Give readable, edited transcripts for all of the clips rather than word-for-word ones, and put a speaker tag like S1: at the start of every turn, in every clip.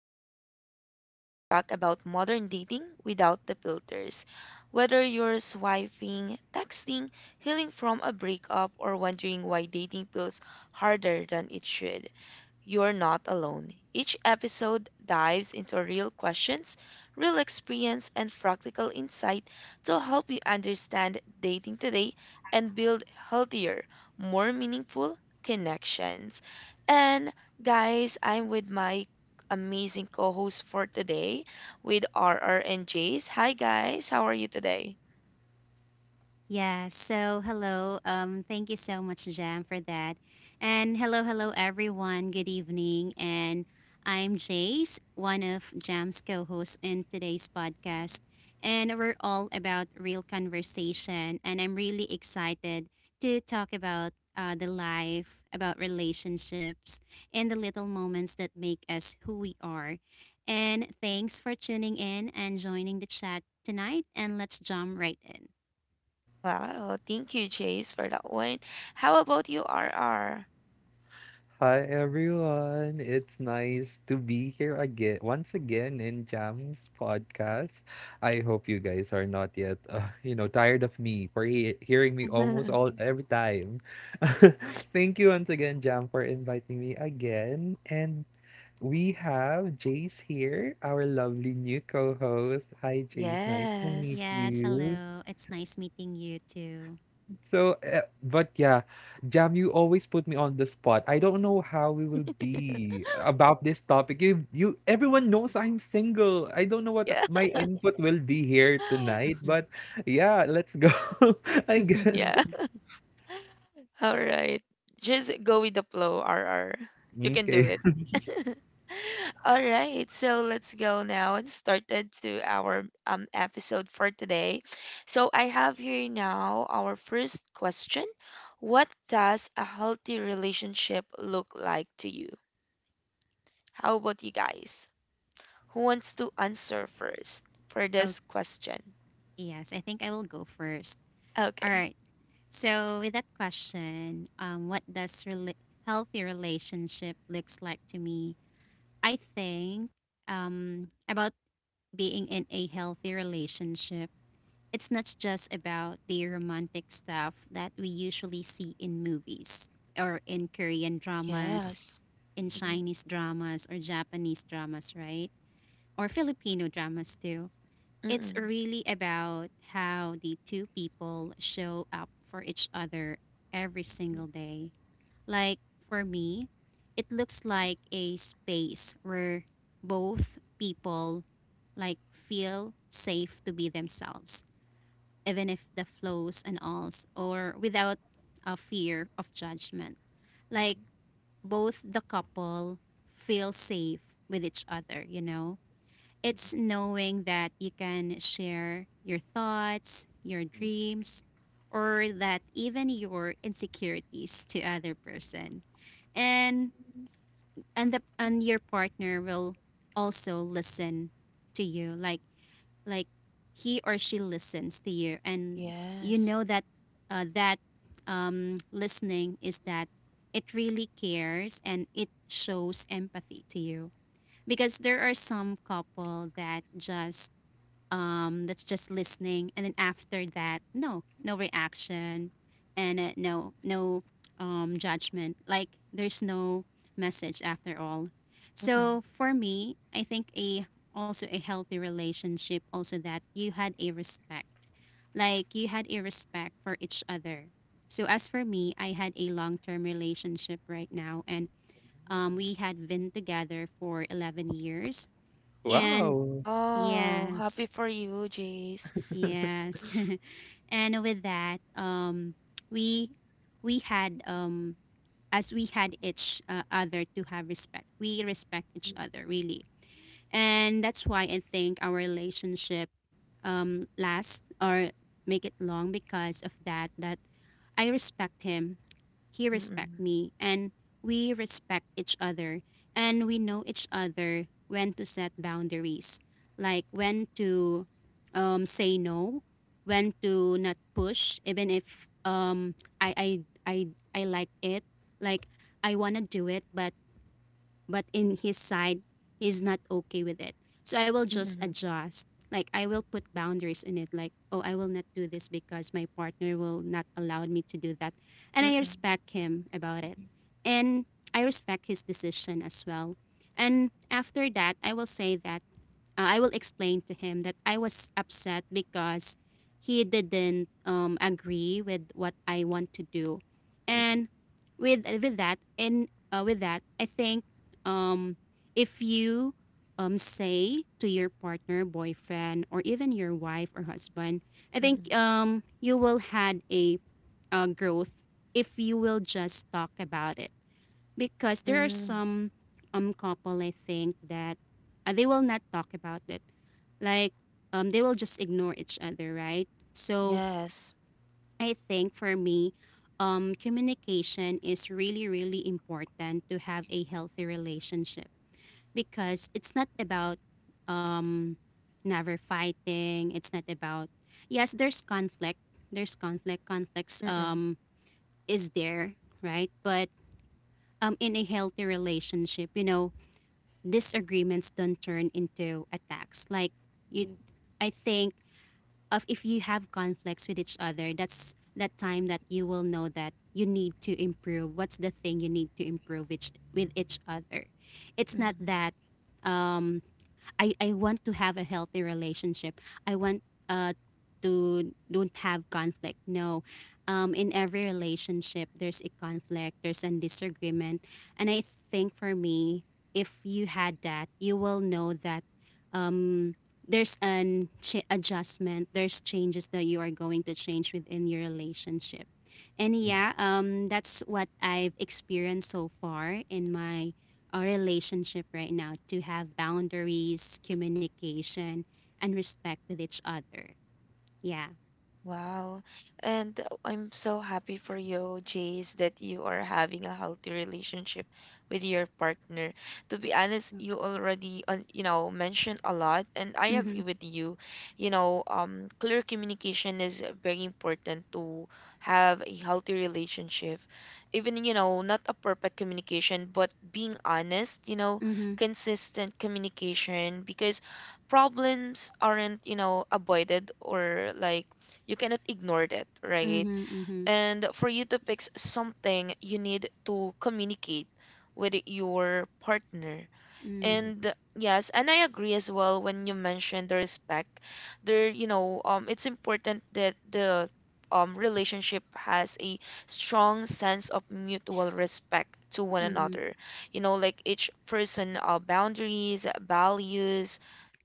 S1: Dating, where we talk about modern dating without the filters. Whether you're swiping, texting, healing from a breakup, or wondering why dating feels harder than it should, you're not alone. Each episode dives into real questions, real experience, and practical insight to help you understand dating today and build healthier, more meaningful connections. And guys, I'm with my amazing co host for today with RR and Jace. Hi, guys. How are you today?
S2: Yeah, so hello. Thank you so much, Jam, for that. And hello, hello, everyone. Good evening. And I'm Jace, one of Jam's co hosts in today's podcast. And we're all about real conversation. And I'm really excited to talk about the life, about relationships, and the little moments that make us who we are. And thanks for tuning in and joining the chat tonight. And let's jump right in.
S1: Wow. Thank you, Jace, for that one. How about you, RR?
S3: Hi everyone, it's nice to be here again, once again in Jam's podcast. I hope you guys are not yet, tired of me for hearing me almost all every time. Thank you once again, Jam, for inviting me again. And we have Jace here, our lovely new co-host. Hi, Jace. Nice to meet
S1: Yes.
S2: Yes,
S3: you.
S2: hello. It's nice meeting you too.
S3: So, uh, but yeah, Jam, you always put me on the spot. I don't know how we will be about this topic. Everyone knows I'm single. I don't know what
S1: Yeah.
S3: my input will be here tonight, but yeah, let's go. I guess.
S1: Yeah. All right. Just go with the flow, R. R. You can do
S3: Okay.
S1: it. All right. So let's go now and started to our episode for today. So I have here now our first question. What does a healthy relationship look like to you? How about you guys? Who wants to answer first for
S2: Oh,
S1: this question?
S2: yes, I think I will go first. All
S1: Okay.
S2: right. So, with that question, what does healthy relationship looks like to me? I think about being in a healthy relationship. It's not just about the romantic stuff that we usually see in movies or in Korean dramas,
S1: Yes.
S2: in Chinese dramas or Japanese dramas, right? Or Filipino dramas too. It's
S1: Mm-mm.
S2: really about how the two people show up for each other every single day. Like for me, it looks like a space where both people like feel safe to be themselves, even if the flows and alls or without a fear of judgment. Like both the couple feel safe with each other, you know? It's knowing that you can share your thoughts, your dreams, or that even your insecurities to other person. And and your partner will also listen to you like like he or she listens to you, and you
S1: Yes.
S2: know that um, listening is that it really cares and it shows empathy to you, because there are some couple that's just listening and then after that, no reaction, and no judgment, like there's no message after all.
S1: Mm.
S2: So for me, I think a also a healthy relationship, also that you had a respect, like you had a respect for each other. So as for me, I had a long-term relationship right now, and we had been together for 11 years, and
S3: Wow.
S1: Wow,
S2: yes.
S1: happy for you, Jace.
S2: Yes. And with that, we we had, as we had each other, to have respect. We respect each other really. And that's why I think our relationship last or make it long, because of that I respect him, he respect
S1: Mm,
S2: me, and we respect each other, and we know each other when to set boundaries, like when to say no, when to not push, even if I I I I like it, like I want to do it, but in his side he's not okay with it. So I will
S1: mm,
S2: just
S1: mm,
S2: adjust, like I will put boundaries in it, like, oh, I will not do this because my partner will not allow me to do that, and
S1: mm,
S2: I
S1: mm,
S2: respect him about it, and I respect his decision as well. And after that, I will say that, I will explain to him that I was upset because he didn't agree with what I want to do. And with that, I think, um, if you, say to your partner, boyfriend, or even your wife or husband, I
S1: mm.
S2: think you will had a growth, if you will just talk about it. Because there are
S1: Mm.
S2: some couple, I think, that they will not talk about it. Like, they will just ignore each other, right? So
S1: Yes.
S2: I think for me, communication is really really important to have a healthy relationship, because it's not about um never fighting. It's not about, yes, there's conflict. There's conflict. Conflicts
S1: Mm, mm,
S2: is there, right? But in a healthy relationship, disagreements don't turn into attacks. Like you, I think of if you have conflicts with each other, that's that time that you will know that you need to improve. What's the thing you need to improve with each other? It's not
S1: mhm.
S2: that, um, I want to have a healthy relationship. I want to don't have conflict. No, in every relationship, there's a conflict, there's a disagreement. And I think for me, if you had that, you will know that, um, there's an adjustment, there's changes that you are going to change within your relationship. And yeah, that's what I've experienced so far in my relationship right now, to have boundaries, communication, and respect with each other. Yeah.
S1: Wow. And I'm so happy for you, Jace, that you are having a healthy relationship with your partner. To be honest,
S2: Mm-hmm.
S1: you already, you know, mentioned a lot, and I agree with you. You know, clear communication is very important to have a healthy relationship. Even, you know, not a perfect communication, but being honest, you know,
S2: Mm-hmm.
S1: consistent communication, because problems aren't, you know, avoided, or like you cannot ignore that, right?
S2: Mm-hmm. Mm-hmm.
S1: And for you to fix something, you need to communicate with your partner.
S2: Mm,
S1: And yes, and I agree as well when you mentioned the respect. There, you know, it's important that the relationship has a strong sense of mutual respect to one
S2: mhm,
S1: another. You know, like each person, boundaries, values,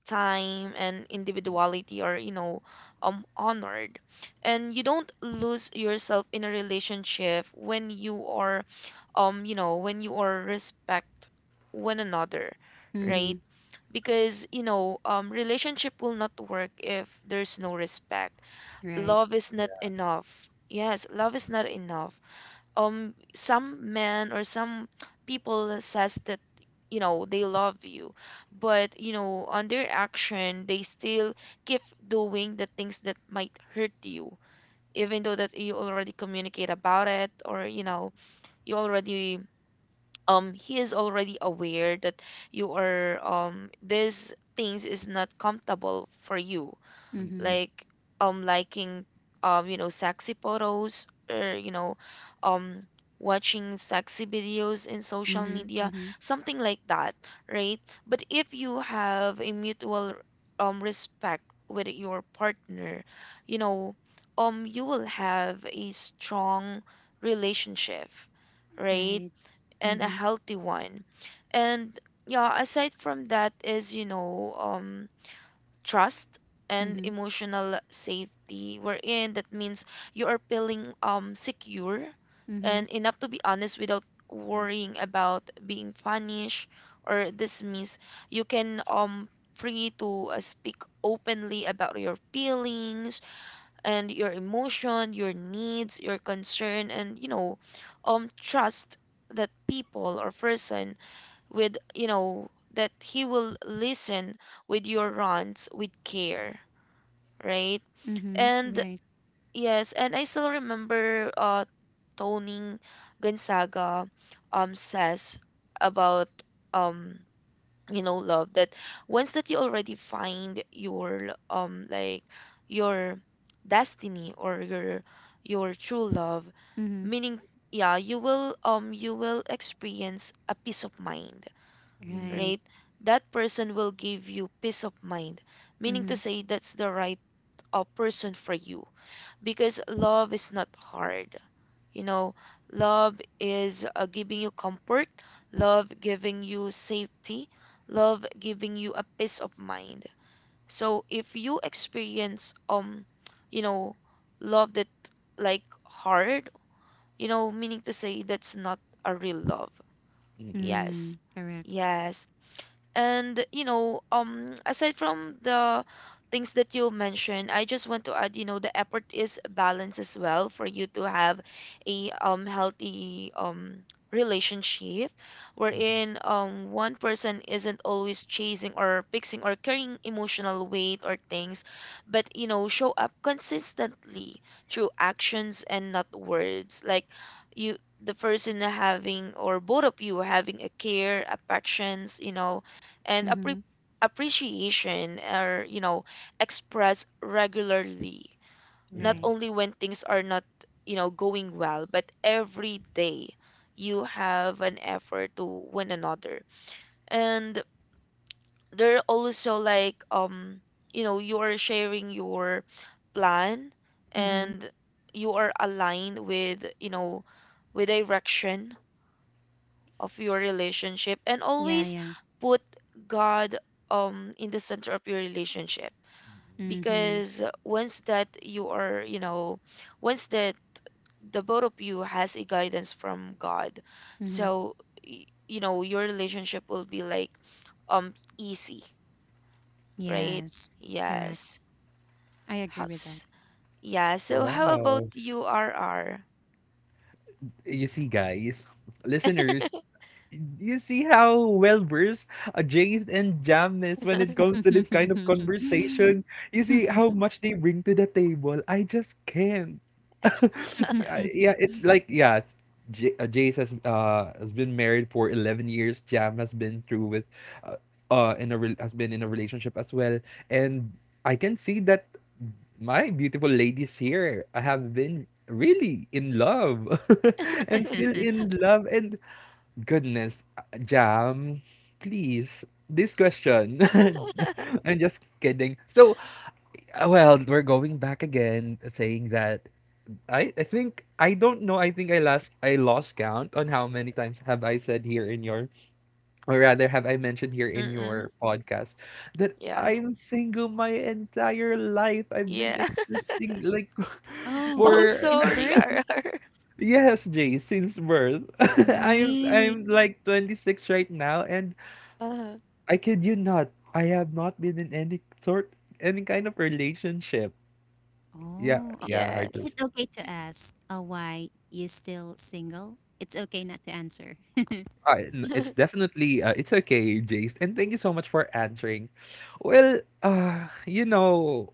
S1: time and individuality are, you know, honored, and you don't lose yourself in a relationship when you are you know, when you are respect one another, right?
S2: mhm,
S1: Because, you know, relationship will not work if there's no respect.
S2: right.
S1: Love is not enough. Yes, love is not enough. Some men or some people says that, you know, they love you, but, you know, on their action, they still keep doing the things that might hurt you, even though that you already communicate about it, or, you know, you already he is already aware that you are these things is not comfortable for you,
S2: Mhm,
S1: like liking you know, sexy photos or, you know, um watching sexy videos in social
S2: mhm,
S1: media,
S2: mhm,
S1: something like that, right? But if you have a mutual respect with your partner, you know, you will have a strong relationship, right?
S2: right.
S1: And a
S2: Mhm,
S1: healthy one. And yeah, aside from that is, you know, trust and
S2: mhm,
S1: emotional safety we're in. That means you are feeling secure
S2: mhm,
S1: and enough to be honest without worrying about being punished or dismissed. You can free to speak openly about your feelings and your emotion, your needs, your concern, and, you know, trust that people or person with, you know, that he will listen with your rants with care, right?
S2: mhm,
S1: And
S2: right.
S1: yes, and I still remember Tony Gonzaga says about um you know, love that once that you already find your like your destiny or your true love,
S2: Mhm,
S1: meaning yeah, you will experience a peace of mind,
S2: right.
S1: right? That person will give you peace of mind, meaning
S2: Mhm,
S1: to say that's the right person for you, because love is not hard, you know. Love is, giving you comfort, love giving you safety, love giving you a peace of mind. So if you experience you know, love that like hard, you know, meaning to say that's not a real love.
S2: mm,
S1: Yes,
S2: correct.
S1: yes. And you know, aside from the things that you mentioned, I just want to add, you know, the effort is balance as well for you to have a healthy relationship, wherein one person isn't always chasing or fixing or carrying emotional weight or things, but you know, show up consistently through actions and not words. Like you, the person having, or both of you having a care, affections, you know, and appre
S2: Mhm,
S1: appreciation are, you know, expressed regularly,
S3: Yeah.
S1: not
S2: right.
S1: only when things are not, you know, going well, but every day you have an effort to one another. And they're also like, you know, you are sharing your plan
S2: Mhm,
S1: and you are aligned with, you know, with direction of your relationship, and
S2: yeah,
S1: always
S2: yeah.
S1: put God in the center of your relationship,
S2: Mhm,
S1: because once that you are, you know, once that the both of you has a guidance from God,
S2: mhm,
S1: so you know your relationship will be like um easy, right?
S2: yes, correct.
S1: Yes.
S2: I agree with that.
S1: How's yeah, so how about
S3: Wow.
S1: you, RR?
S3: You see, guys, listeners, you see how well versed Jace and Jam is when it comes to this kind of conversation. You see how much they bring to the table. I just can't. yeah, yeah, it's like yeah. J- Jace has been married for 11 years. Jam has been through with, uh, in a has been in a relationship as well. And I can see that my beautiful ladies here have been really in love and still in love and goodness, Jam, please, this question. I'm just kidding. So, well, we're going back again, saying that I think I don't know. I think I lost count on how many times have I said or rather, have I mentioned here in
S1: Mm-mm.
S3: your podcast that
S1: Yeah,
S3: I'm single my entire life. I've been
S1: yeah.
S3: existing like
S2: Oh,
S1: Oh,
S3: for
S2: since
S1: sorry,
S2: birth?
S1: RR.
S3: yes, Jay, since birth.
S2: Oh,
S3: I'm
S2: really?
S3: I'm like 26 right now, and
S1: Uh-huh.
S3: I kid you not. I have not been in any kind of relationship. Yeah,
S2: Oh,
S3: yeah, I
S2: is
S3: do.
S2: it
S1: Yes.
S2: okay to ask why you still single? It's okay not to answer.
S3: Uh, it's definitely it's okay, Jace, and thank you so much for answering. Well, uh, you know,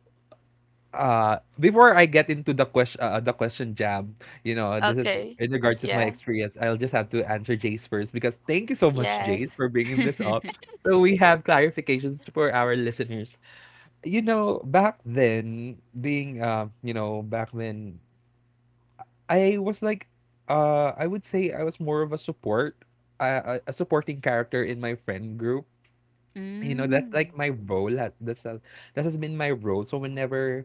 S3: uh, before I get into the question, Jam, you know, this is
S1: Okay.
S3: in regards with my
S1: Yeah.
S3: experience. I'll just have to answer Jace first because thank you so much, Jace,
S1: Yes.
S3: for bringing this up. So we have clarifications for our listeners. You know, back then, I was like, I would say I was more of a supporting character in my friend group. You know, that's like
S2: Mm.
S3: my role. That has been my role. So whenever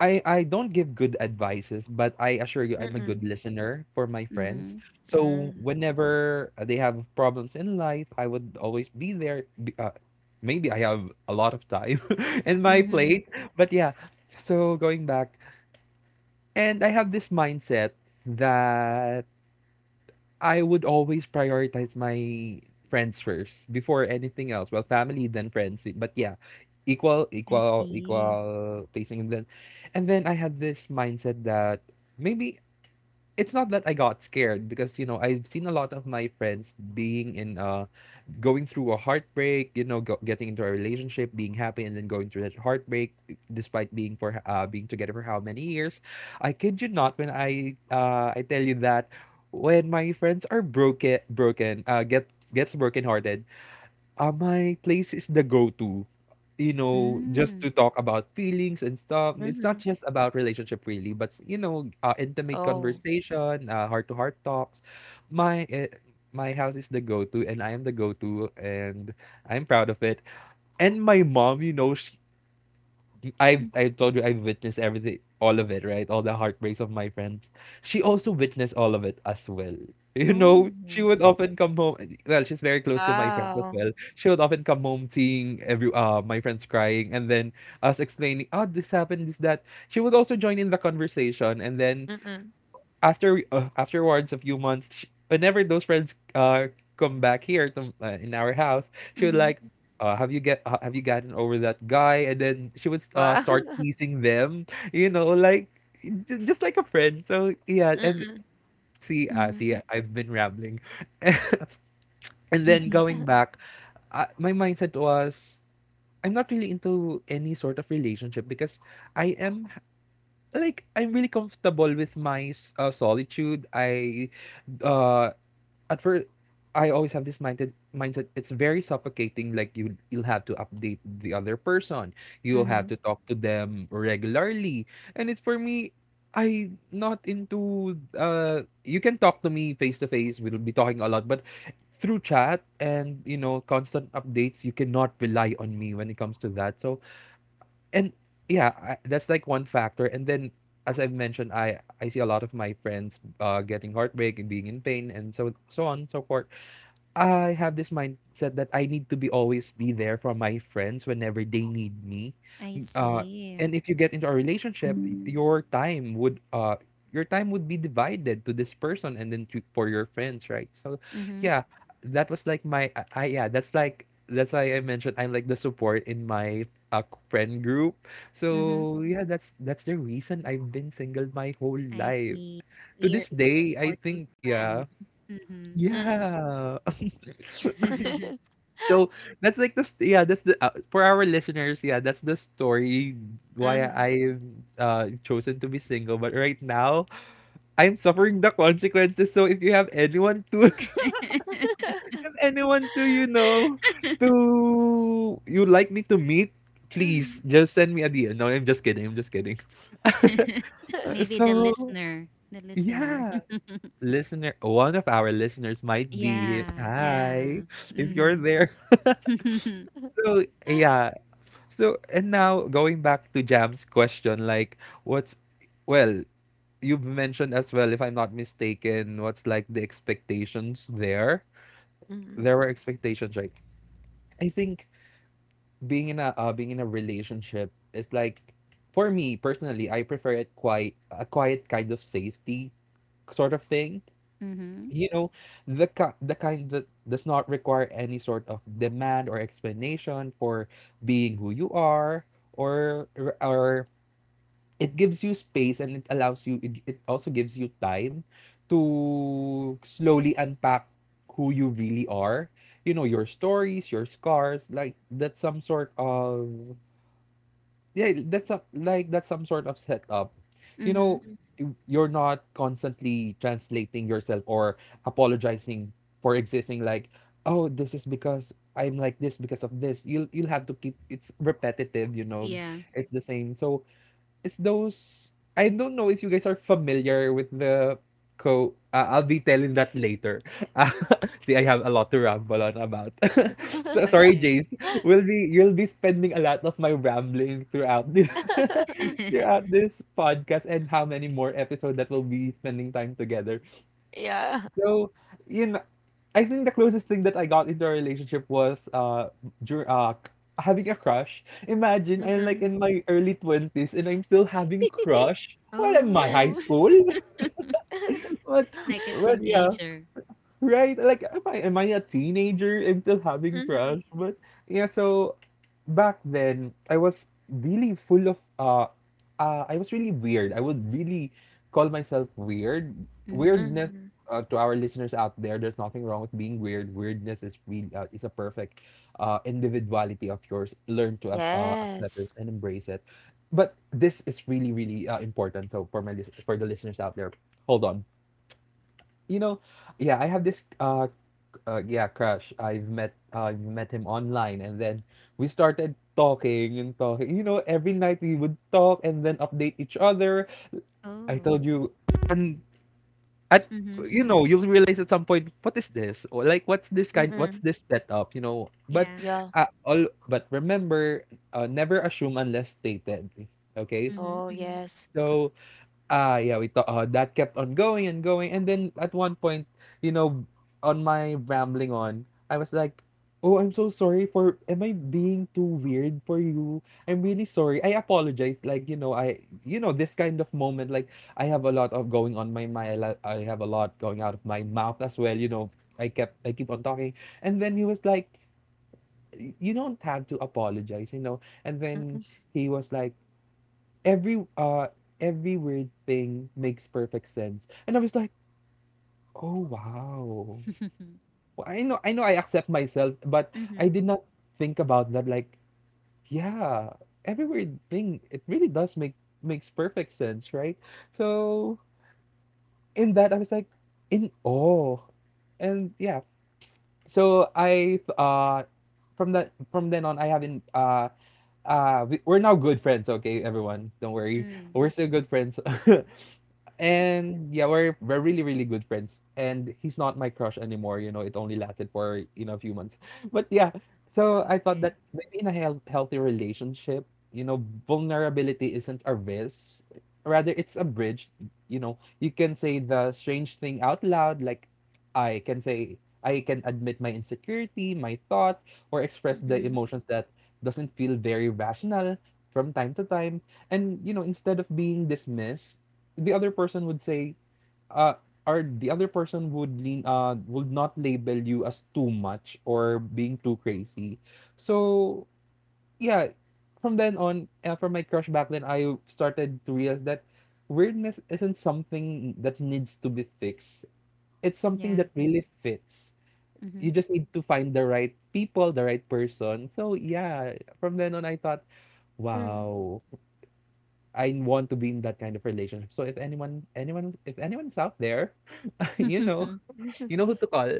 S3: I don't give good advices, but I assure you I'm a good
S1: Mm-mm.
S3: listener for my friends.
S2: Mm-hmm.
S3: So
S1: Mm.
S3: whenever they have problems in life, I would always be there. Maybe I have a lot of time in my
S2: Mm-hmm.
S3: plate, but yeah. So going back, and I have this mindset that I would always prioritize my friends first before anything else. Well, family then friends, but yeah,
S2: I see.
S3: equal placing. And then I had this mindset that maybe it's not that I got scared because you know I've seen a lot of my friends being in a going through a heartbreak, you know, getting into a relationship, being happy, and then going through that heartbreak, despite being together for how many years. I kid you not when I tell you that when my friends are broken, broken, get gets brokenhearted, my place is the go-to, you know, just to
S2: Mm.
S3: talk about feelings and stuff. It's
S1: Mm-hmm.
S3: not just about relationship really, but you know, intimate
S1: Oh,
S3: conversation, heart-to-heart talks. My uh, my house is the go-to, and I am the go-to, and I'm proud of it. And my mom, I
S2: Mm.
S3: I told you I witnessed everything, all of it, right? All the heartbreaks of my friends. She also witnessed all of it as well. You know, she
S2: Oh.
S3: would often come home. Well, she's very close to my friends as
S1: wow.
S3: well. She would often come home seeing every my friends crying, and then us explaining, "Oh, this happened, this that." She would also join in the conversation, and then
S1: Mm-mm.
S3: afterwards a few months, sh whenever those friends come back here to in our house, she would
S2: Mm-hmm.
S3: like, have you gotten over that guy? And then she would
S1: Wow.
S3: start teasing them, you know, like just like a friend. So yeah, and
S1: Mm-mm.
S3: see,
S2: Mm-hmm.
S3: see, I've been rambling, and then going back, my mindset was. I'm not really into any sort of relationship because I am like I'm really comfortable with solitude. I uh at first I always have this mindset it's very suffocating like you'll have to update the other person you'll have to
S2: Mm-hmm.
S3: talk to them regularly and it's for me I not into you can talk to me face to face we'll be talking a lot but through chat and you know constant updates you cannot rely on me when it comes to that so and yeah, I, that's like one factor. And then, as I've mentioned, I see a lot of my friends getting heartbreak and being in pain and so so on and so forth. I have this mindset that I need to be always be there for my friends whenever they need me.
S2: I
S3: uh
S2: see.
S3: and if you get into a relationship your time would uh your time would be divided to this person and then to for your friends right so
S2: Mm-hmm.
S3: yeah that was like yeah that's like that's why I mentioned I'm like the support in my uh, friend group
S2: Mm-hmm.
S3: so yeah that's the reason I've been single my whole
S2: I
S3: life
S2: see.
S3: to
S2: So
S3: this
S2: you're a
S3: day I think
S2: supportive
S3: yeah
S2: friend.
S1: Mm-mm.
S3: yeah
S2: Mm-hmm.
S3: So that's like yeah that's the for our listeners yeah that's the story why
S1: Mm-hmm.
S3: I've chosen to be single but right now I'm suffering the consequences so if you have anyone to if you have anyone to you know to you like me to meet
S1: Mm-hmm.
S3: please just send me a DM no I'm just kidding I'm just kidding Uh,
S2: Maybe
S3: so
S2: the listener, the listener.
S3: yeah listener one of our listeners might be
S2: Yeah, yeah.
S3: hi if you're
S2: Mhm.
S3: there so yeah so, and now going back to Jam's question, like, what's, well, you have mentioned as well, if I'm not mistaken, what's like the expectations there? There
S1: Mm-hmm.
S3: were expectations, right? I think being in a relationship is like, for me personally, I prefer it quite a quiet kind of safety sort of thing.
S2: Mhm. Mhm.
S3: You know, the kind that does not require any sort of demand or explanation for being who you are or or it gives you space and it allows you it also gives you time to slowly unpack who you really are you know your stories your scars like that's some sort of yeah that's a like that's some sort of setup you know you're not constantly translating yourself or apologizing for existing like oh this is because I'm like this because of this you'll have to keep it's repetitive you know
S2: Yeah.
S3: it's the same so it's those I don't know if you guys are familiar with the co I'll be telling that later. Uh, see, I have a lot to ramble on about. So, sorry,
S2: Okay.
S3: Jace. We'll be you'll be spending a lot of my rambling throughout this throughout this podcast and how many more episodes that we'll be spending time together.
S1: Yeah.
S3: So, you know. I think the closest thing that I got into a relationship was dur- uh c- having a crush. Imagine I'm like
S1: Mm-mm.
S3: in my early twenties and I'm still having crush. What am I, high
S2: Oh.
S3: school? But,
S2: Like a
S3: but yeah.
S2: teenager.
S3: Right? Like, am I a teenager? I'm still having
S1: Mm-hmm.
S3: crush, but yeah. So back then, I was really full of I was really weird. I would really call myself weird.
S2: Mhm.
S3: Weirdness
S1: Mm-hmm.
S3: to our listeners out there, there's nothing wrong with being weird. Weirdness is really is a perfect individuality of yours. Learn to accept it
S1: Yes.
S3: and embrace it. But this is really really important. So for for the listeners out there, hold on. You know, yeah, I have this yeah, crush. I've met him online, and then we started talking and talking. You know, every night we would talk and then update each other. I
S2: Oh.
S3: told you, and at
S2: Mhm.
S3: you know, you'll realize at some point, what is this? Or like, what's this kind? What's
S1: Mm-mm.
S3: this setup? You know, but
S2: Yeah.
S1: Yeah.
S3: all but remember, never assume unless stated. Okay,
S2: Mhm.
S1: Oh,
S2: Mhm.
S1: yes.
S3: so ah, yeah, we thought that kept on going and going, and then at one point, you know, on my rambling on, I was like, "Oh, I'm so sorry for. Am I being too weird for you? I'm really sorry. I apologize. Like, this kind of moment, like, I have a lot of going on my mind. I have a lot going out of my mouth as well. I keep on talking, and then he was like, "You don't have to apologize, you know." And then
S1: Mm-mm.
S3: he was like every uh every weird thing makes perfect sense. And I was like, "Oh wow." Well, I know I accept myself, but I
S2: Mhm.
S3: did not think about that like, yeah, every weird thing it really does makes perfect sense, right? So in that I was like in awe. And yeah, so I from then on I haven't. We're now good friends, okay everyone, don't worry,
S2: Mm.
S3: we're still good friends. And yeah, we're really really good friends, and he's not my crush anymore. It only lasted for a few months, but yeah. So I thought
S2: Okay.
S3: that maybe in a healthy relationship, vulnerability isn't a risk, rather it's a bridge. You can say the strange thing out loud, like i can say I can admit my insecurity, my thoughts, or express the
S2: Mhm.
S3: emotions that doesn't feel very rational from time to time. And instead of being dismissed, the other person would say uh or the other person would lean would not label you as too much or being too crazy. So yeah, from then on, from my crush back then, I started to realize that weirdness isn't something that needs to be fixed, it's something
S2: Yeah.
S3: that really fits. You
S2: Mhm.
S3: just need to find the right people, the right person. So yeah, from then on I thought,
S1: Mm.
S3: wow, I want to be in that kind of relationship. So if anyone anyone if anyone's out there, you know, you know who to call.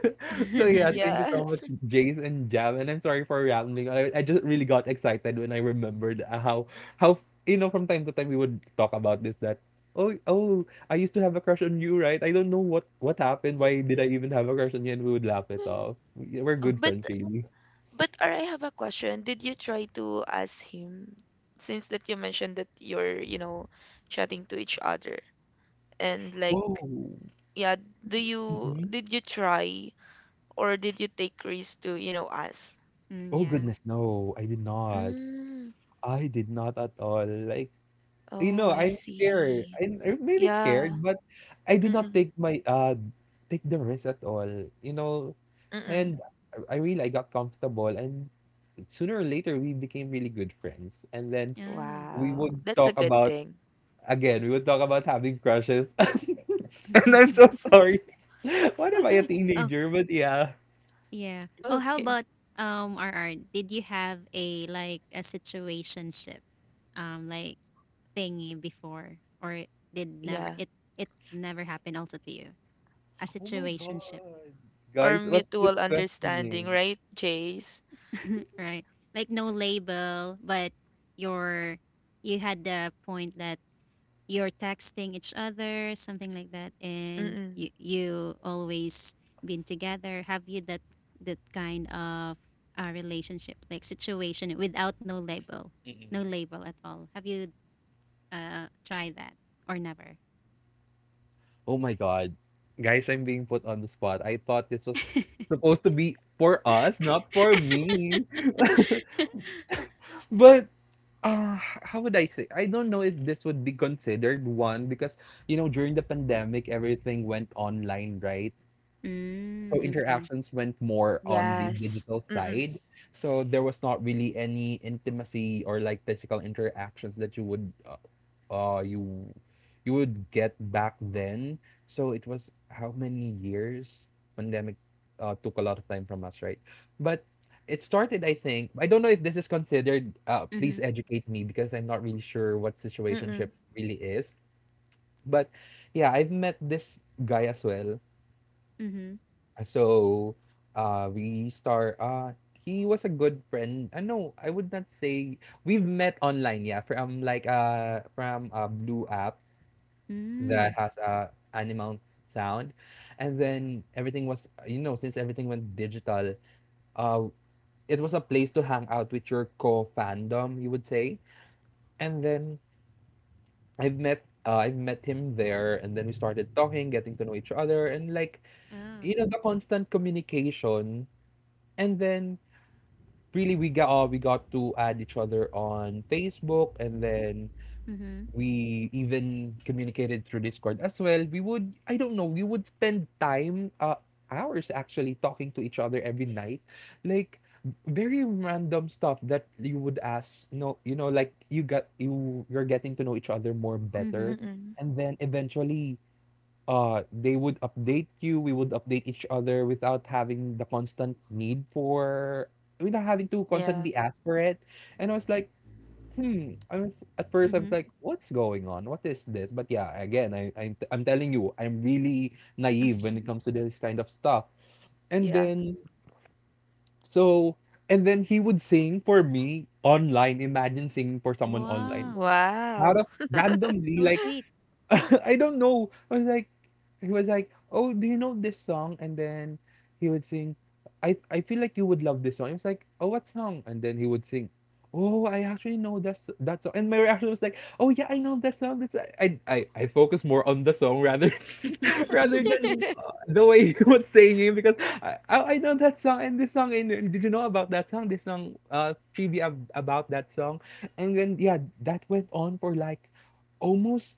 S3: So yeah, thank you so
S1: Yes.
S3: much, Jace and Jam. And I'm sorry for rambling. I just really got excited when I remembered, how how from time to time we would talk about this, that oh oh, I used to have a crush on you, right? I don't know what happened. Why did I even have a crush on you? And we would laugh it off. We're
S2: Oh.
S3: good
S1: But
S3: friends, really.
S1: But or I have a question. Did you try to ask him, since that you mentioned that you're, you know, chatting to each other and like,
S3: Oh,
S1: yeah, do you
S3: mhm.
S1: did you try, or did you take risk to, you know, ask?
S2: Mm,
S3: Oh
S2: yeah.
S3: goodness, no, I did not.
S1: Mm.
S3: I did not at all. Like,
S1: Oh, I
S3: I'm scared.
S1: see.
S3: I'm maybe scared,
S1: Yeah.
S3: but I did not
S1: Mm-mm.
S3: take the risk at all. You know,
S1: Mm-mm.
S3: and I really I got comfortable, and sooner or later we became really good friends. And then
S2: Yeah.
S3: we
S1: Wow.
S3: would
S1: That's a
S3: talk
S1: good
S3: about
S1: thing.
S3: we would talk about having crushes. And I'm so sorry. What am I, a teenager? But yeah.
S2: Yeah. Oh, how
S1: Okay.
S2: about R R? Did you have a like a situationship like thingy before, or it did never
S1: Yeah.
S2: it it never happened also to you? A
S3: Oh my God.
S2: situationship,
S1: Or
S3: Guys, what's this
S1: mutual understanding,
S3: questioning?
S1: right, Jace?
S2: right? Like no label, but your you had the point that you're texting each other, something like that, and
S1: Mm-mm.
S2: you always been together. Have you that kind of relationship, like situation without no label, no label at all? Have you tried that, or never?
S3: Oh my God. Guys, I'm being put on the spot. I thought this was supposed to be for us, not for me. But uh, how would I say? I don't know if this would be considered one because, during the pandemic, everything went online, right? So
S2: Mm, okay.
S3: interactions went more on the
S1: Yes.
S3: digital
S1: Mm-mm.
S3: side. So there was not really any intimacy or like physical interactions that you would uh you you would get back then. So it was how many years? Pandemic took a lot of time from us, right? But it started, I think. I don't know if this is considered. Please
S2: Mhm.
S3: educate me, because I'm not really sure what situationship
S1: Mm-mm.
S3: really is. But yeah, I've met this guy as well.
S2: Mhm.
S3: So we start. He was a good friend. No, I would not say we've met online. Yeah, from a blue app
S2: Mm.
S3: that has a animal sound. And then everything was you know since everything went digital, uh it was a place to hang out with your co fandom, you would say. And then I've met him there, and then we started talking, getting to know each other, and like
S2: Oh.
S3: the constant communication. And then really we got to add each other on Facebook, and then
S2: Mhm.
S3: we even communicated through Discord as well. We would, I don't know, we would spend time, hours actually talking to each other every night. Like, very random stuff that you would ask, like you got you you're getting to know each other more better.
S2: Mhm.
S1: Mm-mm.
S3: And then eventually, they would update you. We would update each other without having the constant need for, without having to
S1: Yeah.
S3: constantly ask for it. And I was like, hmm, I was at first I was
S2: Mhm.
S3: like, "What's going on? What is this?" But yeah, again, I'm telling you, I'm really naive when it comes to this kind of stuff. And
S1: Yeah.
S3: then so and then he would sing for me online. Imagine singing for someone online
S2: Wow.
S3: out
S1: Wow.
S3: of randomly,
S2: So
S3: like,
S2: sweet.
S3: I don't know. I was like, he was like, "Oh, do you know this song?" And then he would sing, "I feel like you would love this song." I was like, "Oh, what song?" And then he would sing, "Oh, I actually know that song." And my reaction was like, "Oh yeah, I know that song." That's I focus more on the song, rather rather than the way he was singing, because I, oh, I know that song and this song, and did you know about that song? This song trivia about that song. And then yeah, that went on for like almost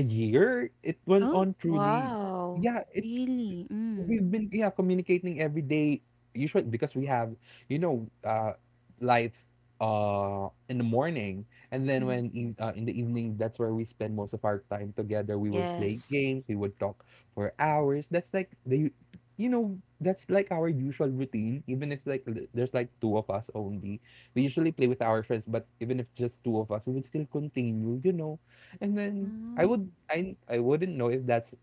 S3: a year. It went
S2: Oh,
S3: on truly.
S1: Wow.
S3: Yeah, it
S2: really?
S3: we've
S2: Mm.
S3: been, yeah, communicating every day, usually because we have you know uh life in the morning, and then
S2: Mhm.
S3: when in the evening, that's where we spend most of our time together. We would play
S1: Yes.
S3: games, we would talk for hours. That's like the you know that's like our usual routine, even if like there's like two of us only. We usually play with our friends, but even if just two of us, we would still continue. And then i would
S2: Oh.
S3: i i wouldn't know. if that's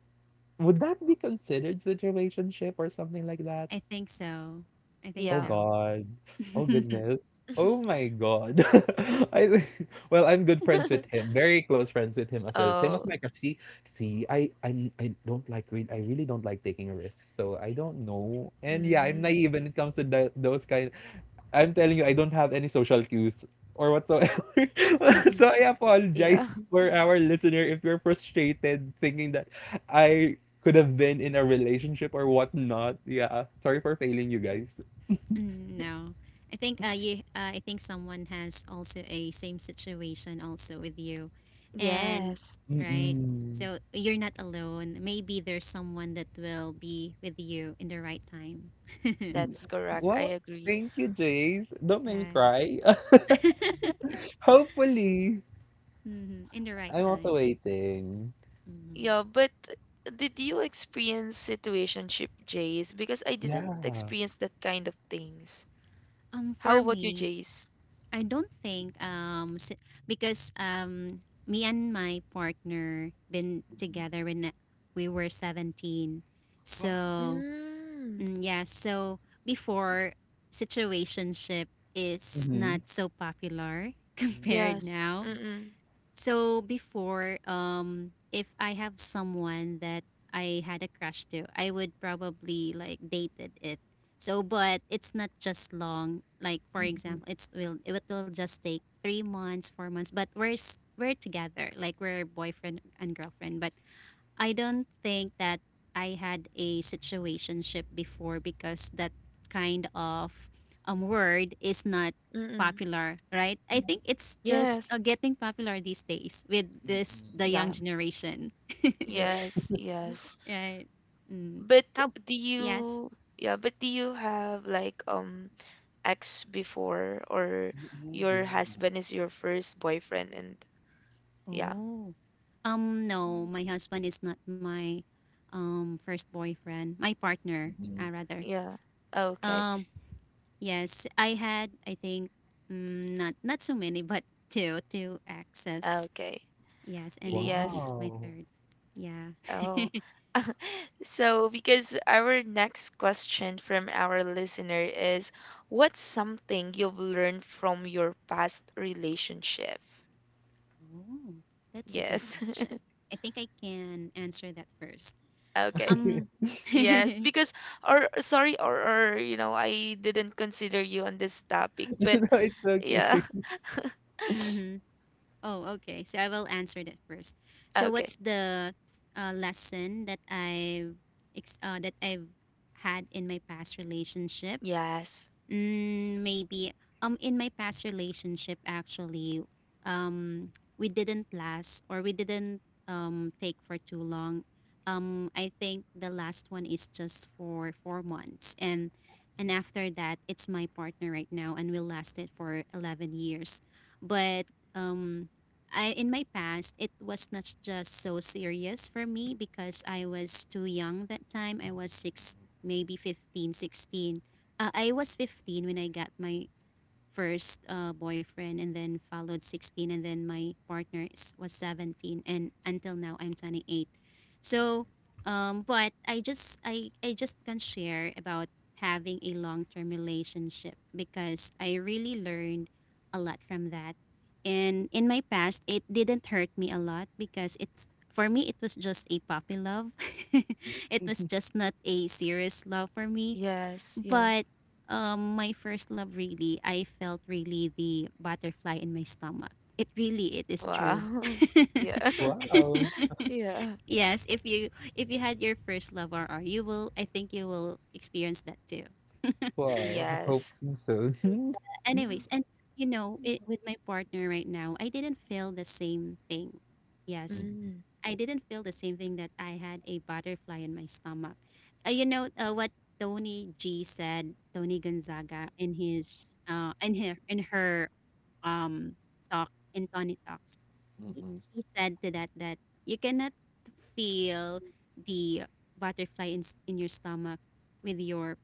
S3: would that be considered situationship or something like that?
S2: I think so. I think
S3: Oh
S1: Yeah.
S2: so.
S3: God. Oh goodness. Oh my God. I think, well, I'm good friends with him, very close friends with him as well. Same as
S1: Oh.
S3: Micah. See, I don't like I really don't like taking risks, so I don't know. And yeah, I'm
S1: Mm.
S3: naive when it comes to those kind. I'm telling you, I don't have any social cues or whatsoever. So I apologize
S1: Yeah.
S3: for our listener if you're frustrated thinking that I could have been in a relationship or whatnot. Yeah, sorry for failing you guys.
S2: Mm, no, I think, you. I think someone has also a same situation also with you, and
S1: Yes.
S2: right.
S3: Mm-mm.
S2: So you're not alone. Maybe there's someone that will be with you in the right time.
S3: Yeah.
S1: That's correct. I
S3: Well,
S1: agree.
S3: thank you, Jace. Don't make me
S2: Right.
S3: cry. Hopefully,
S2: In the right
S3: I'm also
S2: time.
S3: waiting.
S2: Hmm.
S1: Yeah, but did you experience situationship, Jace? Because I didn't
S3: Yeah.
S1: experience that kind of things. How
S2: For
S1: about you,
S2: me,
S1: Jace?
S2: I don't think because me and my partner been together when we were 17.
S3: Wow.
S2: So,
S1: Mm.
S2: yeah, so before, situationship is
S3: Mm-hmm.
S2: not so popular
S3: Mm,
S2: compared
S1: Yes.
S2: now.
S1: Mm-mm.
S2: So before, if I have someone that I had a crush to, I would probably like dated it. So, but it's not just long. Like for example, it will just take 3 months, 4 months. But we're together, like we're boyfriend and girlfriend. But I don't think that I had a situationship before, because that kind of word is not
S1: Mm-mm.
S2: popular, right? I think it's just
S1: Yes.
S2: getting popular these days with this the young
S1: Yeah.
S2: generation,
S1: Yes. Yes.
S2: right? Mm.
S1: But
S2: How?
S1: do
S2: Yes.
S1: you, yeah, but do you have like ex before, or your
S3: yeah.
S1: husband is your first boyfriend, and yeah,
S2: Oh, no, my husband is not my first boyfriend. My partner, rather.
S1: yeah. Okay.
S2: Um, Yes, I had, I think, not so many, but two access.
S1: Okay.
S2: Yes, and
S1: Yes.
S2: he's my
S3: Wow.
S2: third. Yeah.
S1: Oh. So because our next question from our listener is, what's something you've learned from your past relationship?
S2: Oh, that's a good
S1: Yes.
S2: question. I think I can answer that first.
S1: Okay.
S2: Um,
S1: Yes,
S2: mm-hmm.
S1: because or sorry or you know, I didn't consider you on this topic, but
S3: No, it's okay.
S1: yeah.
S2: Oh, okay. So I will answer that first. So
S1: Okay.
S2: what's the lesson that I've that I've had in my past relationship?
S1: Yes.
S2: Mm, maybe. In my past relationship, actually, um, we didn't last, or we didn't take for too long. I think the last one is just for 4 months, and after that, it's my partner right now, and we lasted for 11 years. But um, I, in my past, it was not just so serious for me, because I was too young that time. I was 6, maybe 15, 16. I was 15 when I got my first boyfriend, and then followed 16, and then my partner was 17, and until now I'm 28. So but I just can share about having a long-term relationship, because I really learned a lot from that. And in my past it didn't hurt me a lot, because it's for me it was just a puppy love. It was just not a serious love for me.
S1: Yes, yeah.
S2: But my first love, really, I felt really the butterfly in my stomach. It really, it is true.
S1: Wow. Yeah.
S3: Wow.
S1: Yeah.
S2: Yes, if you had your first love, RR, you will. I think you will experience that too.
S3: Wow. I hope
S1: Yes.
S3: so.
S2: Anyways, and with my partner right now, I didn't feel the same thing. Yes,
S3: Mm,
S1: Mm.
S2: I didn't feel the same thing, that I had a butterfly in my stomach. What Tony G said, Tony Gonzaga, in his in her um talk in Tony talks. He
S3: mm,
S2: he said to that that you cannot feel the butterfly in your stomach with your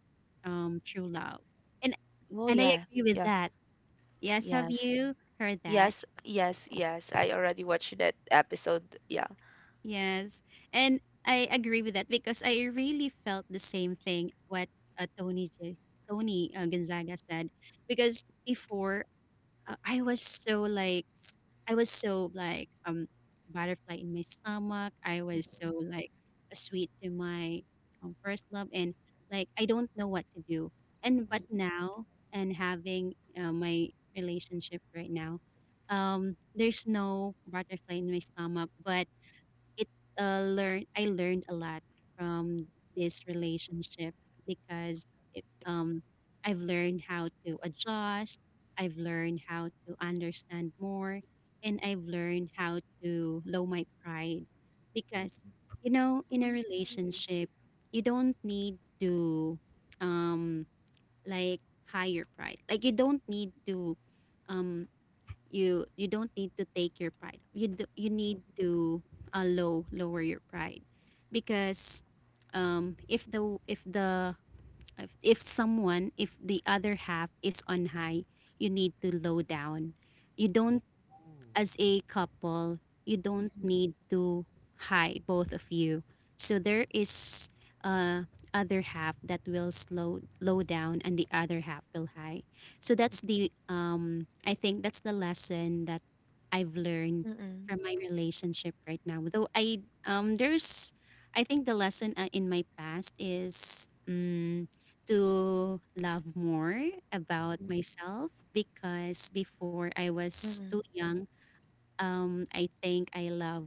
S2: true love. And
S1: Oh
S2: and I
S1: yeah.
S2: agree with
S1: Yeah.
S2: that. Yes, have
S1: Yes.
S2: you heard that?
S1: Yes, yes, yes. I already watched that episode. Yeah.
S2: Yes. And I agree with that because I really felt the same thing what Tony Tony Gonzaga said because before I was so like I was so like butterfly in my stomach. I was so like sweet to my first love and like I don't know what to do. And but now and having my relationship right now, there's no butterfly in my stomach, but it learn I learned a lot from this relationship because it, um I've learned how to adjust, I've learned how to understand more, and I've learned how to lower my pride because you know, in a relationship you don't need to um like higher pride, like you don't need to um you don't need to take your pride, you you need to lower your pride because if the if the if someone, if the other half is on high, you need to low down, you don't, as a couple, you don't need to hide both of you. So there is other half that will slow low down and the other half will high. So that's the I think that's the lesson that I've learned
S1: Mm-mm.
S2: from my relationship right now. Though I there's I think the lesson in my past is to love more about myself because before I was too
S1: Mm-mm.
S2: young. I think I love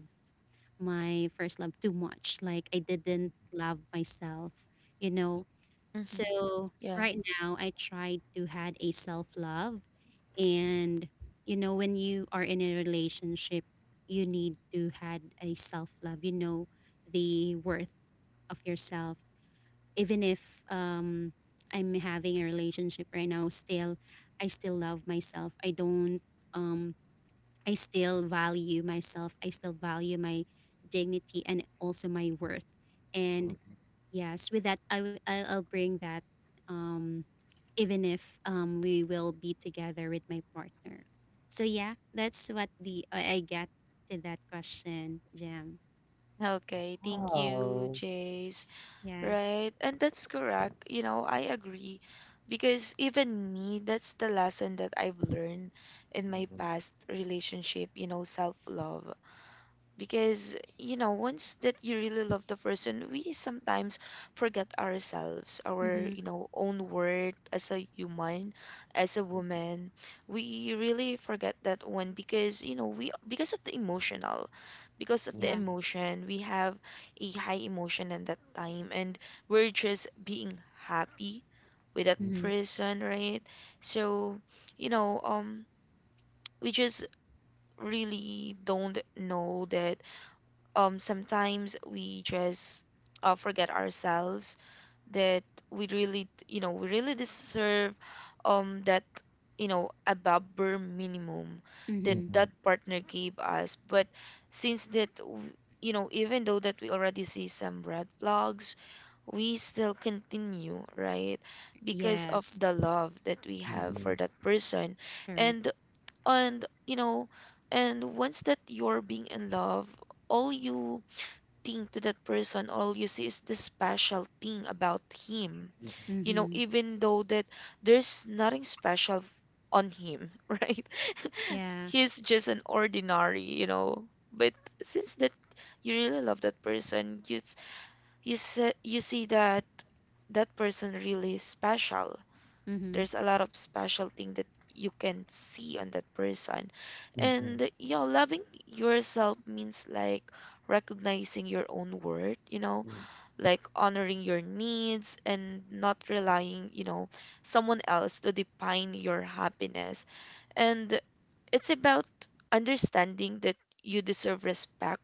S2: my first love too much. Like I didn't love myself, you know.
S1: Mm-hmm.
S2: So
S1: Yeah.
S2: right now I try to had a self love and you know, when you are in a relationship, you need to had a self love. You know the worth of yourself. Even if I'm having a relationship right now, still I still love myself. I don't um I still value myself. I still value my dignity and also my worth. And yes, with that, I'll bring that um, even if we will be together with my partner. So yeah, that's what the I get to that question, Jam.
S1: Okay. Thank you,
S3: wow.
S1: Jace.
S2: Yeah.
S1: Right. And that's correct. You know, I agree. Because even me, that's the lesson that I've learned in my past relationship, you know, self love, because you know, once that you really love the person, we sometimes forget ourselves, our, you
S2: Mm-hmm.
S1: know, own worth as a human, as a woman. We really forget that one, because you know we, because of the emotional, because of
S3: Mm,
S1: the
S2: Yeah.
S1: emotion, we have a high emotion at that time, and we're just being happy with that
S3: mm,
S2: Mm-hmm.
S1: person, right? So, you know, we just really don't know that sometimes we just forget ourselves, that we really, you know, we really deserve that, you know, above bare minimum that
S3: mm,
S2: Mm-hmm.
S3: mm,
S1: that partner gave us. But since that you know, even though that we already see some red flags, we still continue, right? Because of
S2: Yes.
S1: the love that we
S3: mm,
S1: have
S3: mm,
S1: for that person.
S2: Correct.
S1: And and you know, and once that you're being in love, all you thing to that person, all you see is the special thing about him. You know,
S2: Mm-hmm.
S1: even though that there's nothing special on him, right?
S2: Yeah.
S1: He's just an ordinary, you know. But since that you really love that person, you see that that person really is special.
S2: Mm-hmm.
S1: There's a lot of special thing that you can see on that person.
S3: mm, mm, mm,
S1: And you know, loving yourself means like recognizing your own worth, you know,
S3: mm.
S1: like honoring your needs and not relying, you know, someone else to define your happiness. And it's about understanding that you deserve respect,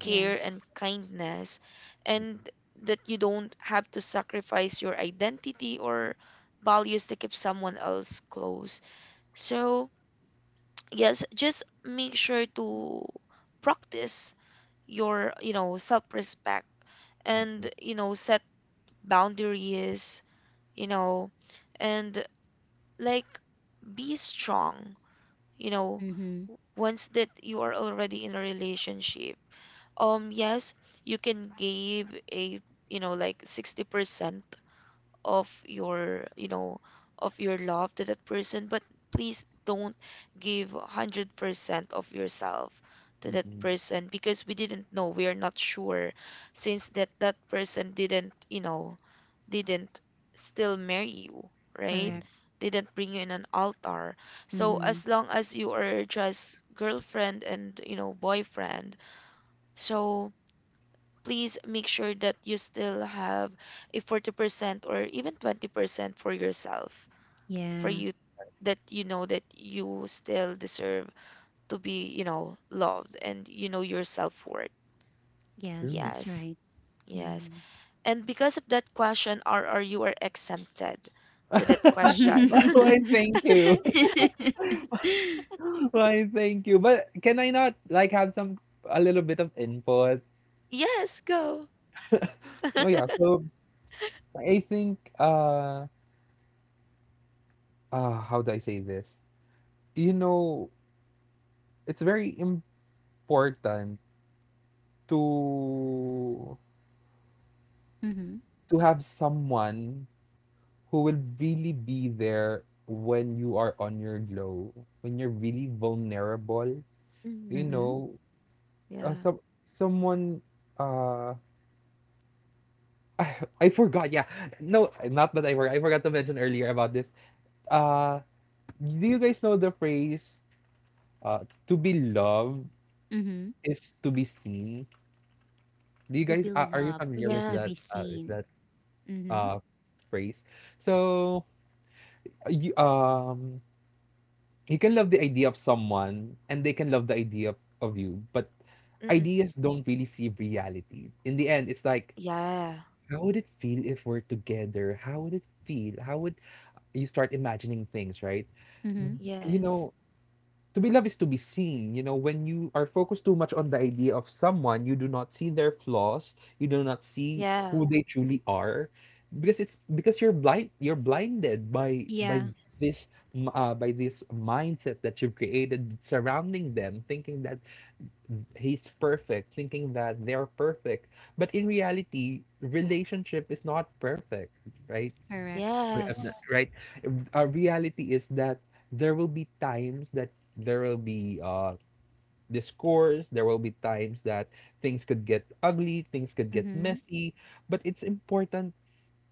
S3: Yeah.
S2: Yeah.
S1: and kindness, and that you don't have to sacrifice your identity or values to keep someone else close. So, yes, just make sure to practice your, you know, self-respect
S3: Mm,
S1: and,
S3: mm,
S1: you know, set boundaries, you know, and like be strong, you know,
S2: Mm-hmm.
S1: once that you are already in a relationship. Yes, you can give a, you know, like 60%, of your you know, of your love to that person, but please don't give 100% of yourself to
S3: mm,
S1: that
S3: mm,
S1: person, because we didn't know, we are not sure, since that that person didn't, you know, didn't still marry you, right?
S2: Correct.
S3: mm.
S1: Didn't bring you in an altar. So
S2: Mm-hmm.
S1: as long as you are just girlfriend and, you know, boyfriend, so please make sure that you still have a 40% or even 20% for yourself, for
S2: Yeah.
S1: you, that you know that you still deserve to be, you know, loved, and you know your self-worth.
S2: Yes,
S3: True.
S2: that's
S1: Yes,
S2: right.
S1: yes.
S2: Mm-hmm.
S1: And because of that question, RR, you are exempted to that question.
S3: Why
S2: mm-hmm,
S3: thank you? Why thank you? But can I not like have some a little bit of input?
S1: Yes, go.
S3: Oh yeah, so I think how do I say this? You know, it's very important to to have someone who will really be there when you are on your low, when you're really vulnerable. You
S1: Hmm.
S2: mm-hmm,
S3: know,
S1: Yeah.
S3: some someone uh I, I forgot. Yeah. No, not that I forgot. I forgot to mention earlier about this. Uh do you guys know the phrase to be loved
S2: mm-hmm.
S3: is to be seen? Do you
S2: To be
S3: guys are you
S2: loved
S3: familiar
S2: is
S3: with
S2: to
S1: Yeah.
S2: be
S3: that uh with
S2: seen.
S3: that
S2: Mm-hmm,
S3: uh phrase? So you, um you can love the idea of someone, and they can love the idea of you, but
S1: Mm-mm.
S3: ideas don't really see reality. In the end, it's like
S1: Yeah.
S3: how would it feel if we're together, how would you start imagining things, right
S2: mm-hmm.
S3: you
S1: Yes.
S3: know to be loved is to be seen. You know, when you are focused too much on the idea of someone, you do not see their flaws, you do not see
S1: Yeah.
S3: who they truly are, because it's because you're blind, you're blinded by by
S2: Yeah,
S3: this m- uh, by this mindset that you've created surrounding them, thinking that he's perfect, thinking that they're perfect. But in reality, relationship is not perfect, right?
S2: correct.
S3: Ri- uh, n-
S1: Yes.
S3: Right? Our reality is that there will be times that there will be discourse. There will be times that things could get ugly, things could get
S2: Mm-hmm,
S3: messy, but it's important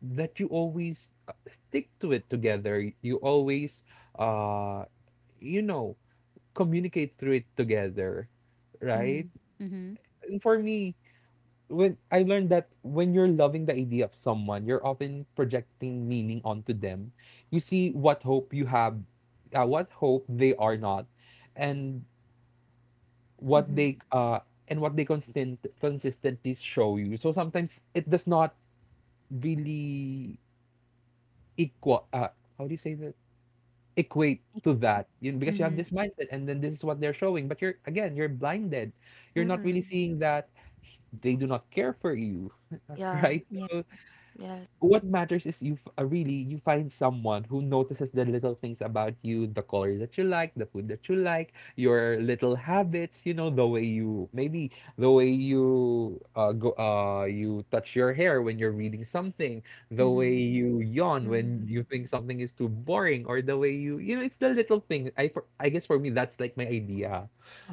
S3: that you always stick to it together. You always, uh, you know, communicate through it together, right?
S2: mm-hmm,
S3: And for me, when I learned that when you're loving the idea of someone, you're often projecting meaning onto them. You see what hope you have, what hope they are not, and what
S2: mm-hmm,
S3: they uh and what they constant consistently show you. So sometimes it does not really equal how do you say that, equate to that, you know, because you
S2: mm-hmm.
S3: have this mindset, and then this is what they're showing, but you're, again, you're blinded, you're not really
S1: Mm-mm.
S3: seeing that they do not care for you.
S1: Yeah.
S3: Right,
S2: Yeah.
S3: so
S1: Yes.
S3: what matters is really you find someone who notices the little things about you, the color that you like, the food that you like, your little habits, the way you go you touch your hair when you're reading something, the way
S2: Mm-hmm,
S3: you yawn when you
S1: Mhm,
S3: think something is too boring, or the way you you know It's the little thing. I guess for me, that's like my idea.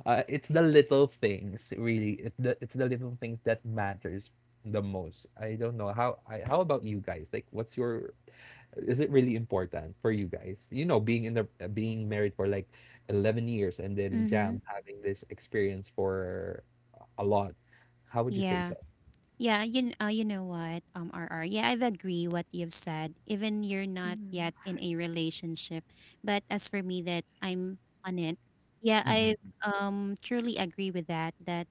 S3: It's the little things, really. It's the little things that matters the most? I don't know how. How about you guys? Like, what's your? Is it really important for you guys? You know, being in the being married for like 11 years, and then
S2: mm-hmm.
S3: Jam having this experience for a lot. How would you say
S2: Yeah.
S3: so?
S2: Yeah, you know what, R R. Yeah, I've agree what you've said. Even you're not
S1: mhm.
S2: yet in a relationship, but as for me, that I'm on it. Yeah, I
S3: Mm-mm,
S2: truly agree with that. That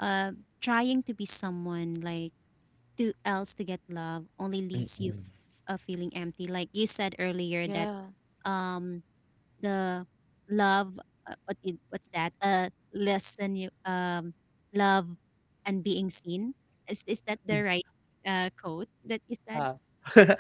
S2: uh, trying to be someone like to else to get love only leaves you
S3: mm-mm.
S2: feeling empty. Like you said earlier, that
S1: Yeah.
S2: um the love what it, what's that lesson you love and being seen is that the right quote that you said
S3: Ah.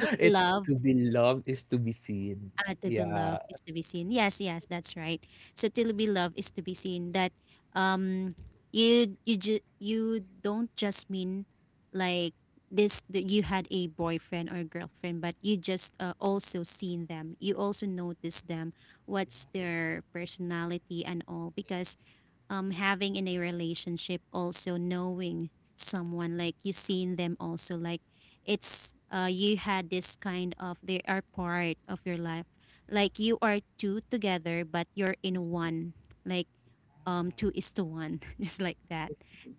S2: to be
S3: it's To
S2: loved.
S3: be loved is to be seen.
S2: Ah, to be
S3: Yeah.
S2: loved is to be seen. Yes, yes, that's right. So to be loved is to be seen. That um, you don't just mean like this. That you had a boyfriend or girlfriend, but you just also seen them. You also notice them. What's their personality and all because having in a relationship also knowing someone, like you seen them also, like it's you had this kind of they are part of your life, like you are two together but you're in one, like two is to one just like that.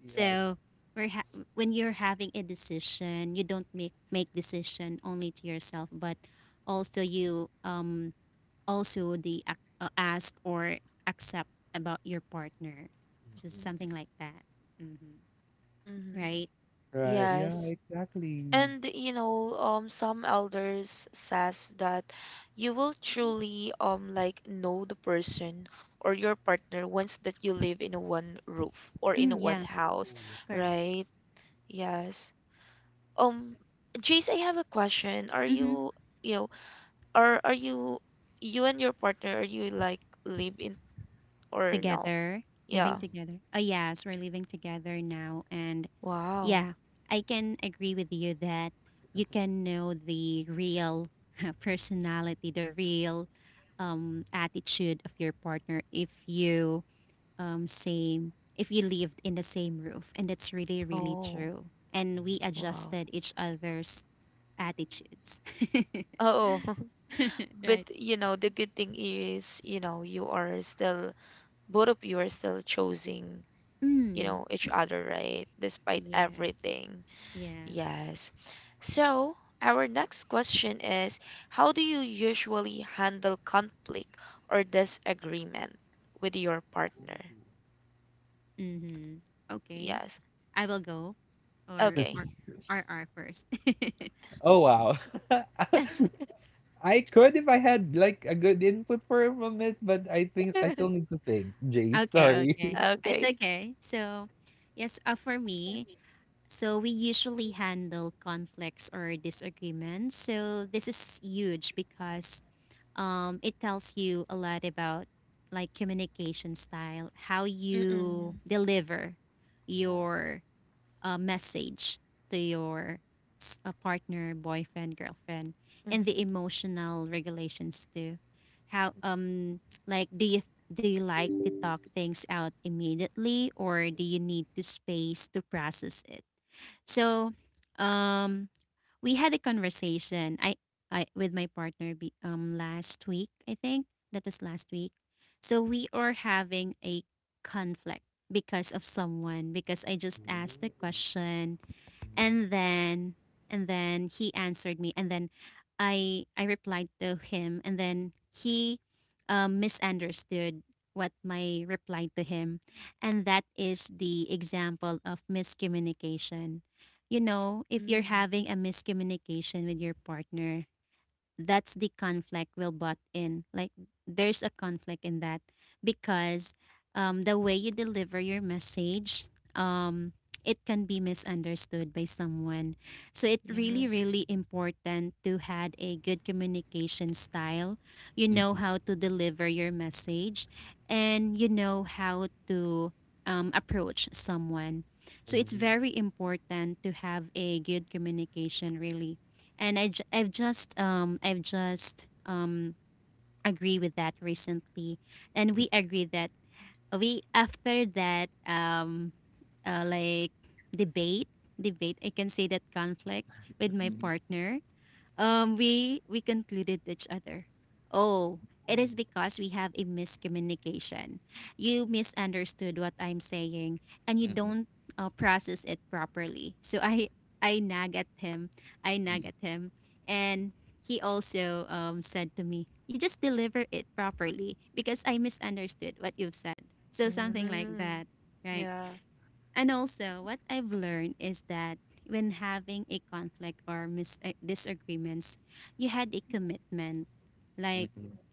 S3: Yeah.
S2: So we're when you're having a decision, you don't make decision only to yourself but also you also the ask or accept about your partner, just something like that. Mm-hmm.
S1: Mhm.
S2: Right.
S3: Right. Yeah.
S1: Yes.
S3: Exactly.
S1: And you know, some elders says that you will truly like know the person or your partner once that you live in a one roof or in a
S2: Mm,
S1: one
S2: yeah.
S1: house,
S3: Oh, yeah.
S2: Correct.
S1: right? Yes. Um, Jace, I have a question.
S2: Mm-hmm.
S1: You know, are you, you and your partner, are you like live in or no?
S2: Together. Living
S1: Yeah.
S3: Mm.
S2: together. Oh yes, we're living together now, and
S1: Wow.
S2: yeah, I can agree with you that you can know the real personality, the real attitude of your partner if you same if you lived in the same roof, and that's really really
S1: Oh,
S2: true. And we
S1: wow.
S2: adjusted each other's attitudes.
S1: Oh, but
S2: Right.
S1: you know the good thing is, you know, you are still, both of you are still choosing, you
S2: Mm.
S1: know, each
S2: y-
S1: other, right, despite
S2: yes.
S1: everything.
S2: Yes.
S1: Yes. So our next question is, how do you usually handle conflict or disagreement with your partner?
S2: Mm-hmm. Okay.
S1: Yes.
S2: I will go. Or
S1: Okay.
S2: R R first. Okay.
S3: Oh, wow. I could if I had like a good input for him on it, but I think I still need to think. Jay, sorry.
S2: Okay, it's
S1: Okay.
S2: okay. So yes, for me, so we usually handle conflicts or disagreements, so this is huge because it tells you a lot about like communication style, how you
S1: Mm-mm.
S2: deliver
S3: Yeah.
S2: your message to your partner, boyfriend, girlfriend, and the
S1: Mm-hmm.
S2: emotional regulations too. How like do you like to talk things out immediately, or do you need to space to process it? So um we had a conversation. I with my partner last week. I think that was last week. So we are having a conflict because of someone because I just asked the question, and then and then he answered me, and then I replied to him, and then he misunderstood what my reply to him, and that is the example of miscommunication. You know, if you're
S1: Mm,
S2: having a miscommunication with your partner, that's the conflict we'll butt in. Like there's a conflict in that because the way you deliver your message, um, it can be misunderstood by someone. So it really,
S1: yes.
S2: really important to had a good communication style. You know
S3: Mm-mm,
S2: how to deliver your message, and you know how to approach someone. So it's
S3: mm-mm,
S2: very important to have a good communication, really, and I've just agree with that recently, and we agree that we after that like debate, debate I can say that conflict with my partner, we concluded each other, oh, it is because we have a miscommunication. You misunderstood what I'm saying, and you don't process it properly. So I nag at him, I nag at him, and he also said to me, you just deliver it properly because I misunderstood what you've said. So something like that,
S1: Mm,
S2: right?
S1: yeah.
S2: And also, what I've learned is that when having a conflict or disagreements, you had a commitment. Like
S3: mm-mm.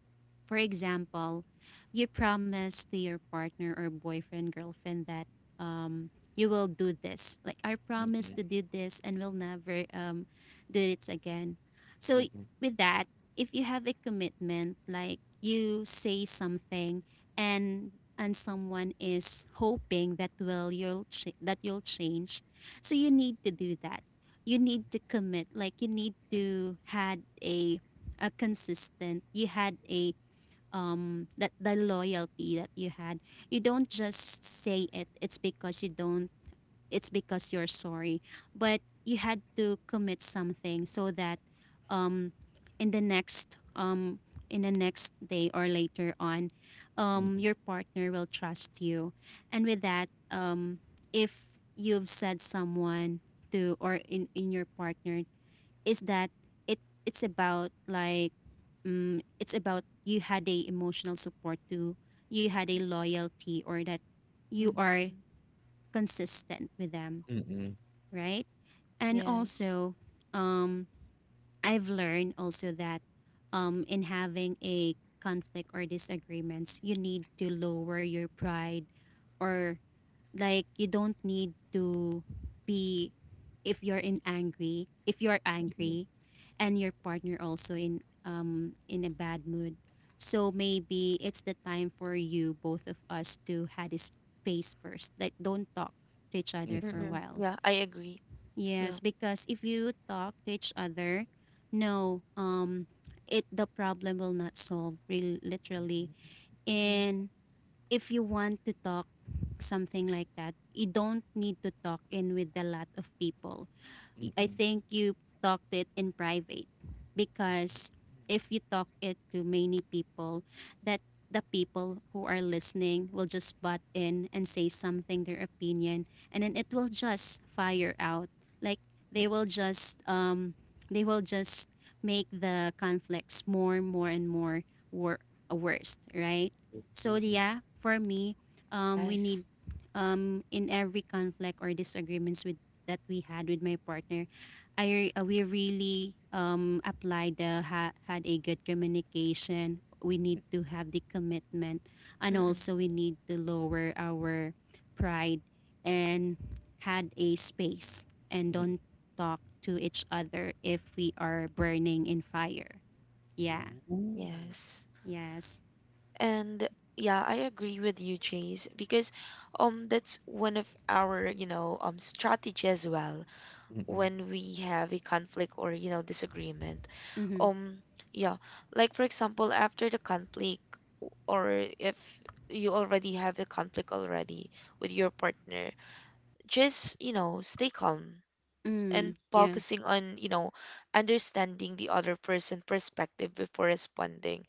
S2: for example, you promise to your partner or boyfriend, girlfriend that um you will do this. Like I promise to do this and will never do it again. So with that, if you have a commitment, like you say something and and someone is hoping that that you'll change, so you need to do that. You need to commit. Like you need to had a consistent. You had a that the loyalty that you had, you don't just say it, it's because you don't, it's because you're sorry, but you had to commit something so that um in the next um in the next day or later on, your partner will trust you, and with that if you've said someone to or in your partner is that it it's about like it's about you had a emotional support too, you had a loyalty or that you are
S1: Mm-hmm.
S2: consistent with them, right? And
S1: Yes.
S2: also, um, I've learned also that in having a conflict or disagreements, you need to lower your pride, or like you don't need to be, if you're in angry if you're angry and your partner also in a bad mood, so maybe it's the time for you both of us to had a space first, like don't talk to each other for a
S1: Mm-mm.
S2: while.
S1: Yeah, I agree.
S2: Yes,
S1: Yeah.
S2: because if you talk to each other, no it, the problem will not solve real literally, and if you want to talk something like that, you don't need to talk in with a lot of people. I think you talked it in private because if you talk it to many people, that the people who are listening will just butt in and say something, their opinion, and then it will just fire out. Like they will just um they will just make the conflicts more and more and more wor- worst, right? So yeah, for me, we need
S1: Yes.
S2: in every conflict or disagreements with that we had with my partner, I we really applied the had a good communication. We need to have the commitment, and
S1: Mm-mm.
S2: also we need to lower our pride and had a space and don't talk to each other if we are burning in fire. Yeah.
S1: Yes.
S2: Yes.
S1: And yeah, I agree with you, Jace, because that's one of our, you know, strategy as well when we have a conflict or, you know, disagreement.
S2: Mm-hmm.
S1: Um yeah, like for example, after the conflict or if you already have the conflict already with your partner, just, you know, stay calm and
S2: Mm. Yeah.
S1: focusing on, you know, understanding the other person' perspective before responding.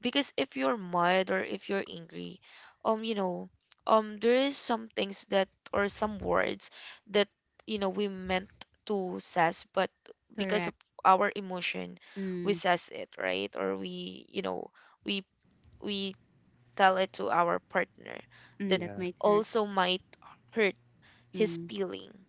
S1: Because if you're mad or if you're angry, you know, there is some things that or some words that, you know, we meant to says, but because of
S2: Correct.
S1: our emotion, we
S2: Mm.
S1: says it, right? Or we, you know, we we tell it to our partner that
S2: Mm. That might hurt.
S1: also might hurt his
S2: Mm.
S1: feeling.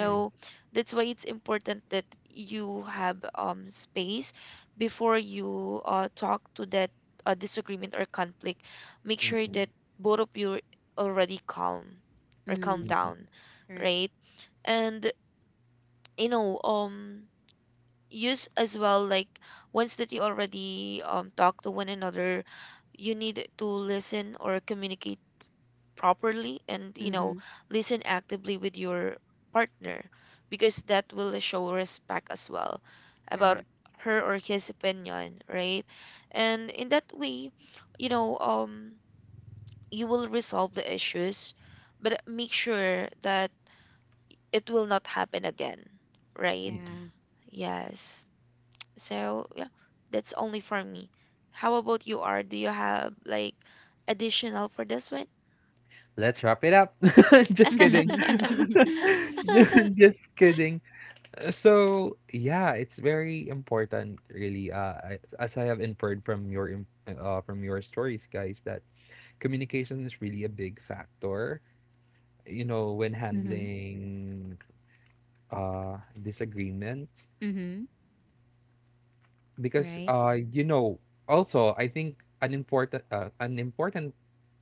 S2: Correct.
S1: that's why it's important that you have space before you talk to that disagreement or conflict. Make sure that both of you are already calm or calm
S2: Mm.
S1: down,
S2: Correct.
S1: right? And you know use as well, like, once that you already talk to one another, you need to listen or communicate properly and, you know,
S2: Mm-hmm.
S1: listen actively with your partner because that will show respect as well about
S2: Correct.
S1: her or his opinion, right? And in that way, you know, you will resolve the issues, but make sure that it will not happen again, right?
S2: Yeah.
S1: Yes. So yeah, that's only for me. How about you are, do you have like additional for this one?
S3: Let's wrap it up. Just kidding.
S2: mm-hmm.
S3: Just kidding. So yeah, it's very important, really. As I have inferred from from your stories, guys, that communication is really a big factor. You know, when handling disagreements,
S2: Mm-hmm.
S3: because
S2: Right.
S3: also I think an important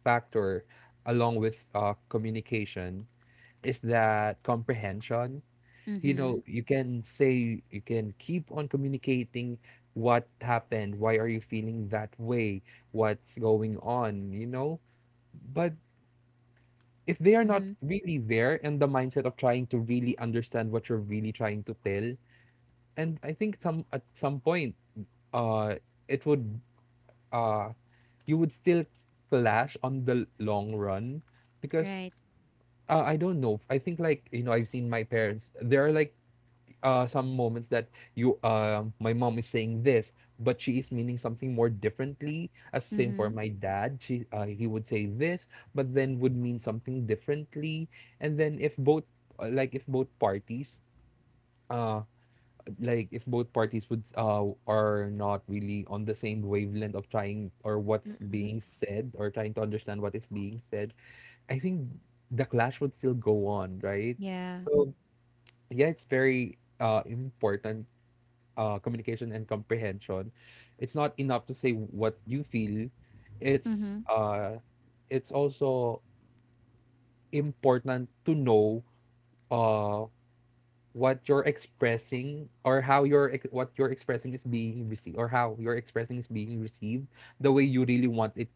S3: factor along with communication is that comprehension. You know,
S2: Mm-hmm.
S3: you can say, you can keep on communicating. What happened? Why are you feeling that way? What's going on, but if they are not
S2: Mm-hmm.
S3: really there in the mindset of trying to really understand what you're really trying to tell, and I think some at some point, uh it would uh you would still clash on the long run, because
S2: Right.
S3: I don't know. I think like I've seen my parents. There are like some moments that you my mom is saying this, but she is meaning something more differently. As same for
S2: Mm-hmm.
S3: my dad, she he would say this, but then would mean something differently. And then if both like if both parties uh like if both parties would are not really on the same wavelength of trying or what's
S1: Mm-mm.
S3: being said, or trying to understand what is being said, I think the clash would still go on, right?
S2: Yeah.
S3: So yeah, it's very important, communication and comprehension. It's not enough to say what you feel. It's
S2: Mm-hmm.
S3: uh it's also important to know uh what you're expressing or what you're expressing is being received, or how you're expressing is being received the way you really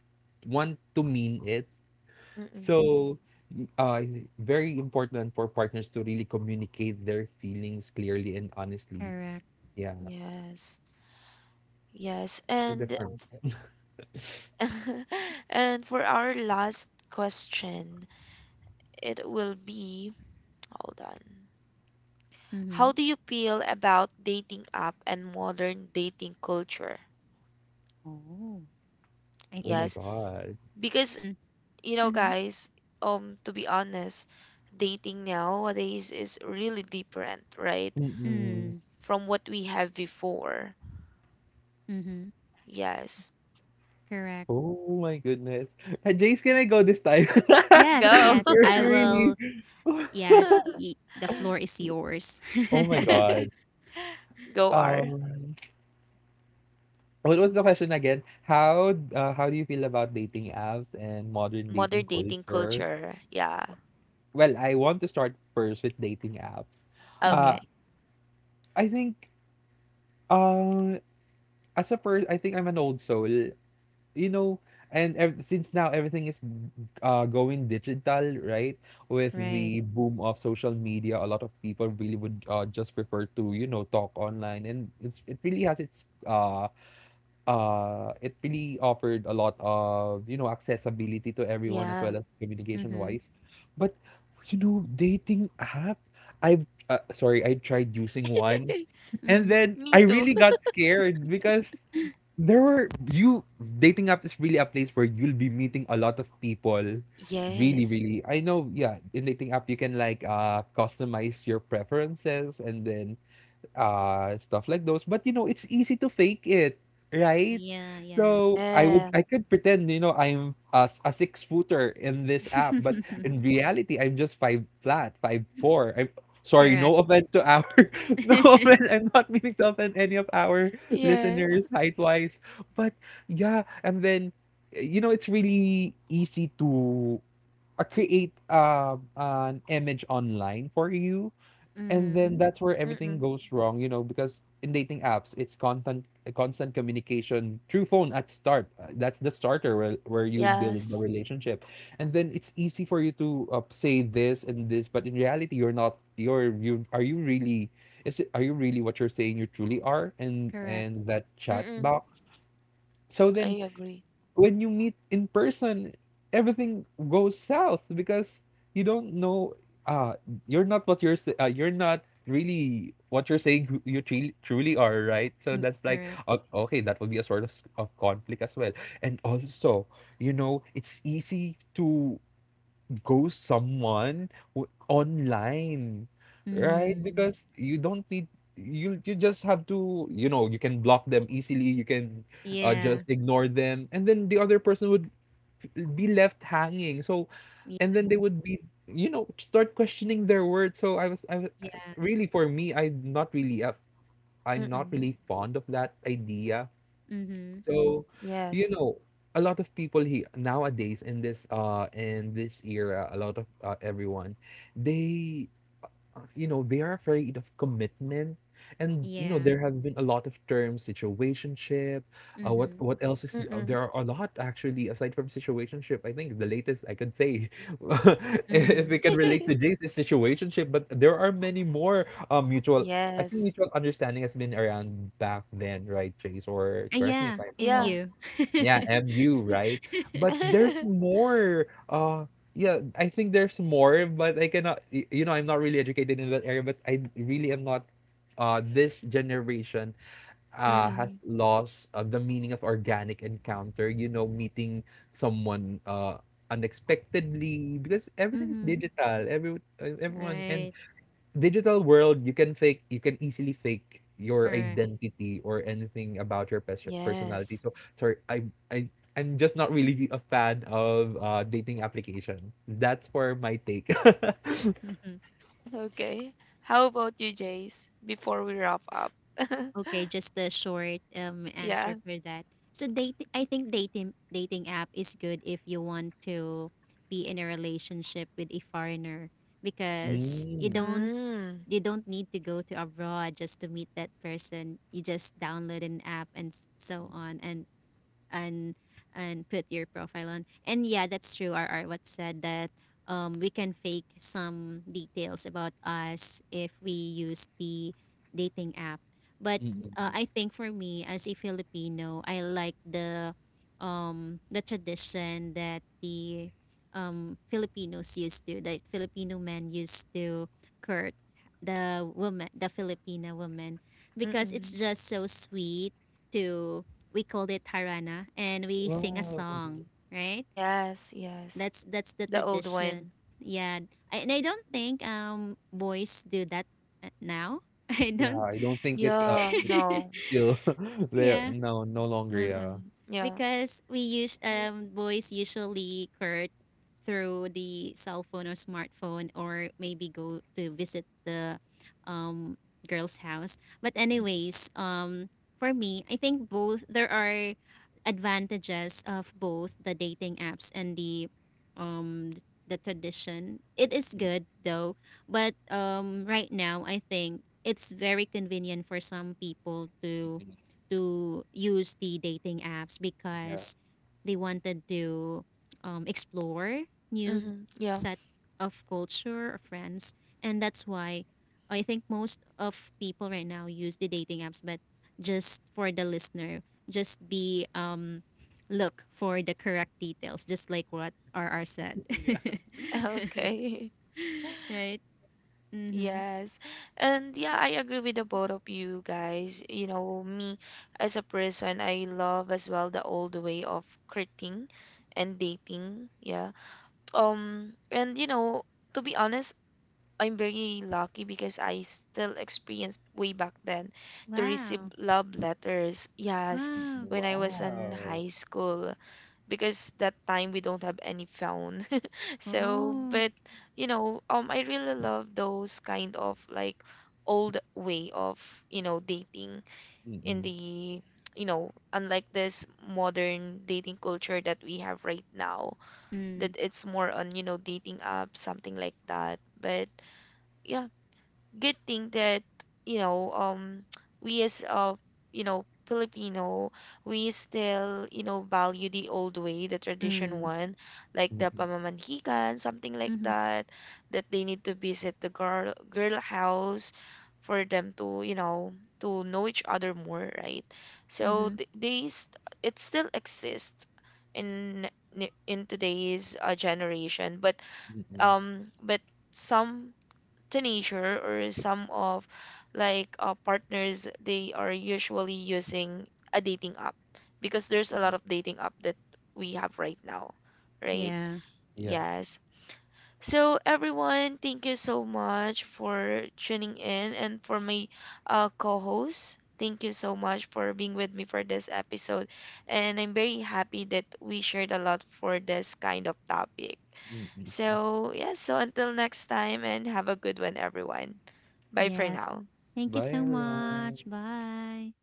S3: want to mean it.
S1: Mm-mm.
S3: So uh very important for partners to really communicate their feelings clearly and honestly.
S2: Correct.
S3: Yeah.
S1: Yes, yes,
S3: So
S1: and
S3: different.
S1: and for our last question, it will be, hold on. How
S2: Mm-hmm.
S1: do you feel about dating app and modern dating culture?
S2: Oh. I
S3: Oh my
S2: think.
S1: Yes,
S3: god.
S1: because you know,
S2: Mm-hmm.
S1: guys, to be honest, dating nowadays is really different, right?
S3: Mm-mm.
S2: Mm.
S1: From what we have before.
S2: Mm-hmm.
S1: Yes.
S2: Correct.
S3: Oh my goodness. Jace, can I go this time?
S2: Yes,
S1: Go.
S2: yes.
S3: You're
S2: I
S3: really.
S2: will. Yes, the floor is yours.
S3: Oh my god.
S1: Go, R.
S3: um What was the question again? How do you feel about dating apps and modern dating
S1: Modern dating
S3: culture?
S1: culture. Yeah.
S3: Well, I want to start first with dating apps.
S2: Mm-hmm.
S3: Uh,
S1: Okay.
S3: I think, uh, as a person, I think I'm an old soul, you know, and ev since now everything is going digital, right? With
S2: Right.
S3: the boom of social media, a lot of people really would just prefer to, talk online, and it's it really has its it really offered a lot of, accessibility to everyone, as
S1: Yeah.
S3: well as communication
S2: Mm-hmm.
S3: wise. But, dating app, sorry, I tried using one, and
S2: Mm-hmm.
S3: then
S1: Me
S3: I
S1: too.
S3: really got scared because there were, you, dating app is really a place where you'll be meeting a lot of people. Really,
S1: Yes.
S3: really. I know, yeah, in dating app, you can like customize your preferences, and then stuff like those, but it's easy to fake it, right?
S2: Yeah, yeah.
S3: So i would
S1: Yeah.
S3: i could pretend, I'm a six footer in this app, but in reality I'm just five flat, five four. I'm sorry,
S2: Correct.
S3: no offense to our no offense, I'm not meaning to offend any of our
S1: Yeah.
S3: listeners, height wise, but yeah. And then it's really easy to create an image online for you, and then
S2: mm-hmm.
S3: that's where everything
S1: Mm-mm.
S3: goes wrong, because in dating apps, it's constant, constant communication through phone at start. That's the starter where, you build the
S1: Yes.
S3: relationship. And then it's easy for you to say this and this, but in reality, you're not you're you are you really is it, are you really what you're saying you truly are, and
S2: Correct.
S3: and that chat
S1: Mm-mm.
S3: box. So
S1: I
S3: then
S1: agree.
S3: when you meet in person, everything goes south because you don't know. Uh, you're you're not really what you're saying, who you truly truly are, right. So that's like
S2: Correct.
S3: okay. That will be a sort of conflict as well. And also, it's easy to ghost someone online, right?
S2: Mm.
S3: Because you don't need you you just have to, you can block them easily. You can
S2: Yeah,
S3: just ignore them, and then the other person would be left hanging. So,
S2: yeah,
S3: and then they would be, start questioning their words. So I was
S2: yeah.
S3: really for me, I'm not really a, I'm not
S1: Mm-mm.
S3: really fond of that idea.
S2: Mhm.
S3: So, you
S1: Yes.
S3: know, a lot of people he nowadays, in this era, a lot of everyone, they they are afraid of commitment. And
S2: Yeah.
S3: there have been a lot of terms, situationship. Uh, what
S2: Mhm.
S3: what else is, there
S1: Mm-mm.
S3: are a lot actually aside from situationship. I think the latest I could say, if
S2: Mm.
S3: we can relate to Jace, is situationship. But there are many more, mutual. I think
S1: Yes.
S3: mutual understanding has been around back then, right, Jace? Or correct me
S2: Yeah,
S3: if I'm
S1: Yeah.
S3: wrong.
S2: MU.
S3: Yeah,
S1: Mm.
S3: MU, right? But there's more. Yeah, I think there's more, but I cannot. You know, I'm not really educated in that area, but I really am not. This generation has
S1: Mm-mm.
S3: lost, the meaning of organic encounter. You know, meeting someone unexpectedly, because everything is
S2: Mhm.
S3: digital. Everyone
S2: Right.
S3: and digital world, you can easily fake your
S2: Correct.
S3: identity or anything about your personality.
S1: Yes.
S3: So, sorry, I, I'm just not really a fan of dating application. That's for my take.
S2: Mhm.
S1: Okay. How about you, Jace, before we wrap up?
S2: Okay, just a short answer
S1: Yeah.
S2: for that. So date, I think dating app is good if you want to be in a relationship with a foreigner because you don't,
S1: Mm.
S2: you don't need to go to abroad just to meet that person. You just download an app and so on and and and put your profile on. And yeah, that's true. R R what said that we can fake some details about us if we use the dating app. But I think for me as a Filipino, I like the tradition that the Filipinos used to, that Filipino men used to court the woman, the Filipina woman, because it's
S1: Mm-mm.
S2: just so sweet to, we called it Harana, and we sing a
S3: Wow. Mhm.
S2: song, right?
S1: Yes, yes.
S2: That's the
S1: The old
S2: tradition.
S1: one.
S2: Yeah, I, and I don't think boys do that now. I
S3: Yeah,
S2: don't.
S3: I don't think it's uh,
S1: Yeah,
S3: it's
S1: no.
S3: still there.
S2: Yeah.
S3: No, no longer. Yeah.
S1: Mm-mm. Yeah.
S2: Because we use boys usually court through the cell phone or smartphone, or maybe go to visit the um girl's house. But anyways, for me, I think both, there are advantages of both the dating apps and um the tradition, it is good though, but right now I think it's very convenient for some people to use the dating apps because they wanted to explore new
S1: Mm-hmm. Yeah.
S2: set of culture or friends, and that's why I think most of people right now use the dating apps. But just for the listener, just be look for the correct details, just like what RR said.
S1: Okay.
S2: Right. Mm-hmm.
S1: Yes. And yeah, I agree with the both of you guys. You know, me as a person, I love as well the old way of courting and dating. Yeah. And you know, to be honest, I'm very lucky because I still experienced way back then to receive
S2: Wow.
S1: love letters. Yes,
S2: Wow.
S1: when I was in
S3: Wow.
S1: high school because that time we don't have any phone. So,
S2: Oh.
S1: but you know, I really love those kind of like old way of, you know, dating in the, you know, unlike this modern dating culture that we have right now, that
S2: Mm.
S1: it's more on, you know, dating app, something like that. But yeah, good thing that you know we as you know Filipino, we still, you know, value the old way, the tradition
S2: Mm.
S1: one, like the pamamanhikan, something like
S2: Mm-hmm.
S1: that, that they need to visit the girl house for them to, you know, to know each other more, right? So
S2: Mm-hmm.
S1: it still exists in in today's generation, but some teenager or some of like partners, they are usually using a dating app because there's a lot of dating app that we have right now, right?
S2: Yeah.
S3: Yeah.
S1: Yes. So, everyone, thank you so much for tuning in and for my co host. Thank you so much for being with me for this episode. And I'm very happy that we shared a lot for this kind of topic. So, yeah, so until next time and have a good one, everyone. Bye for
S2: Yes.
S1: now.
S2: Thank you
S3: Bye,
S2: so
S3: everyone.
S2: much. Bye.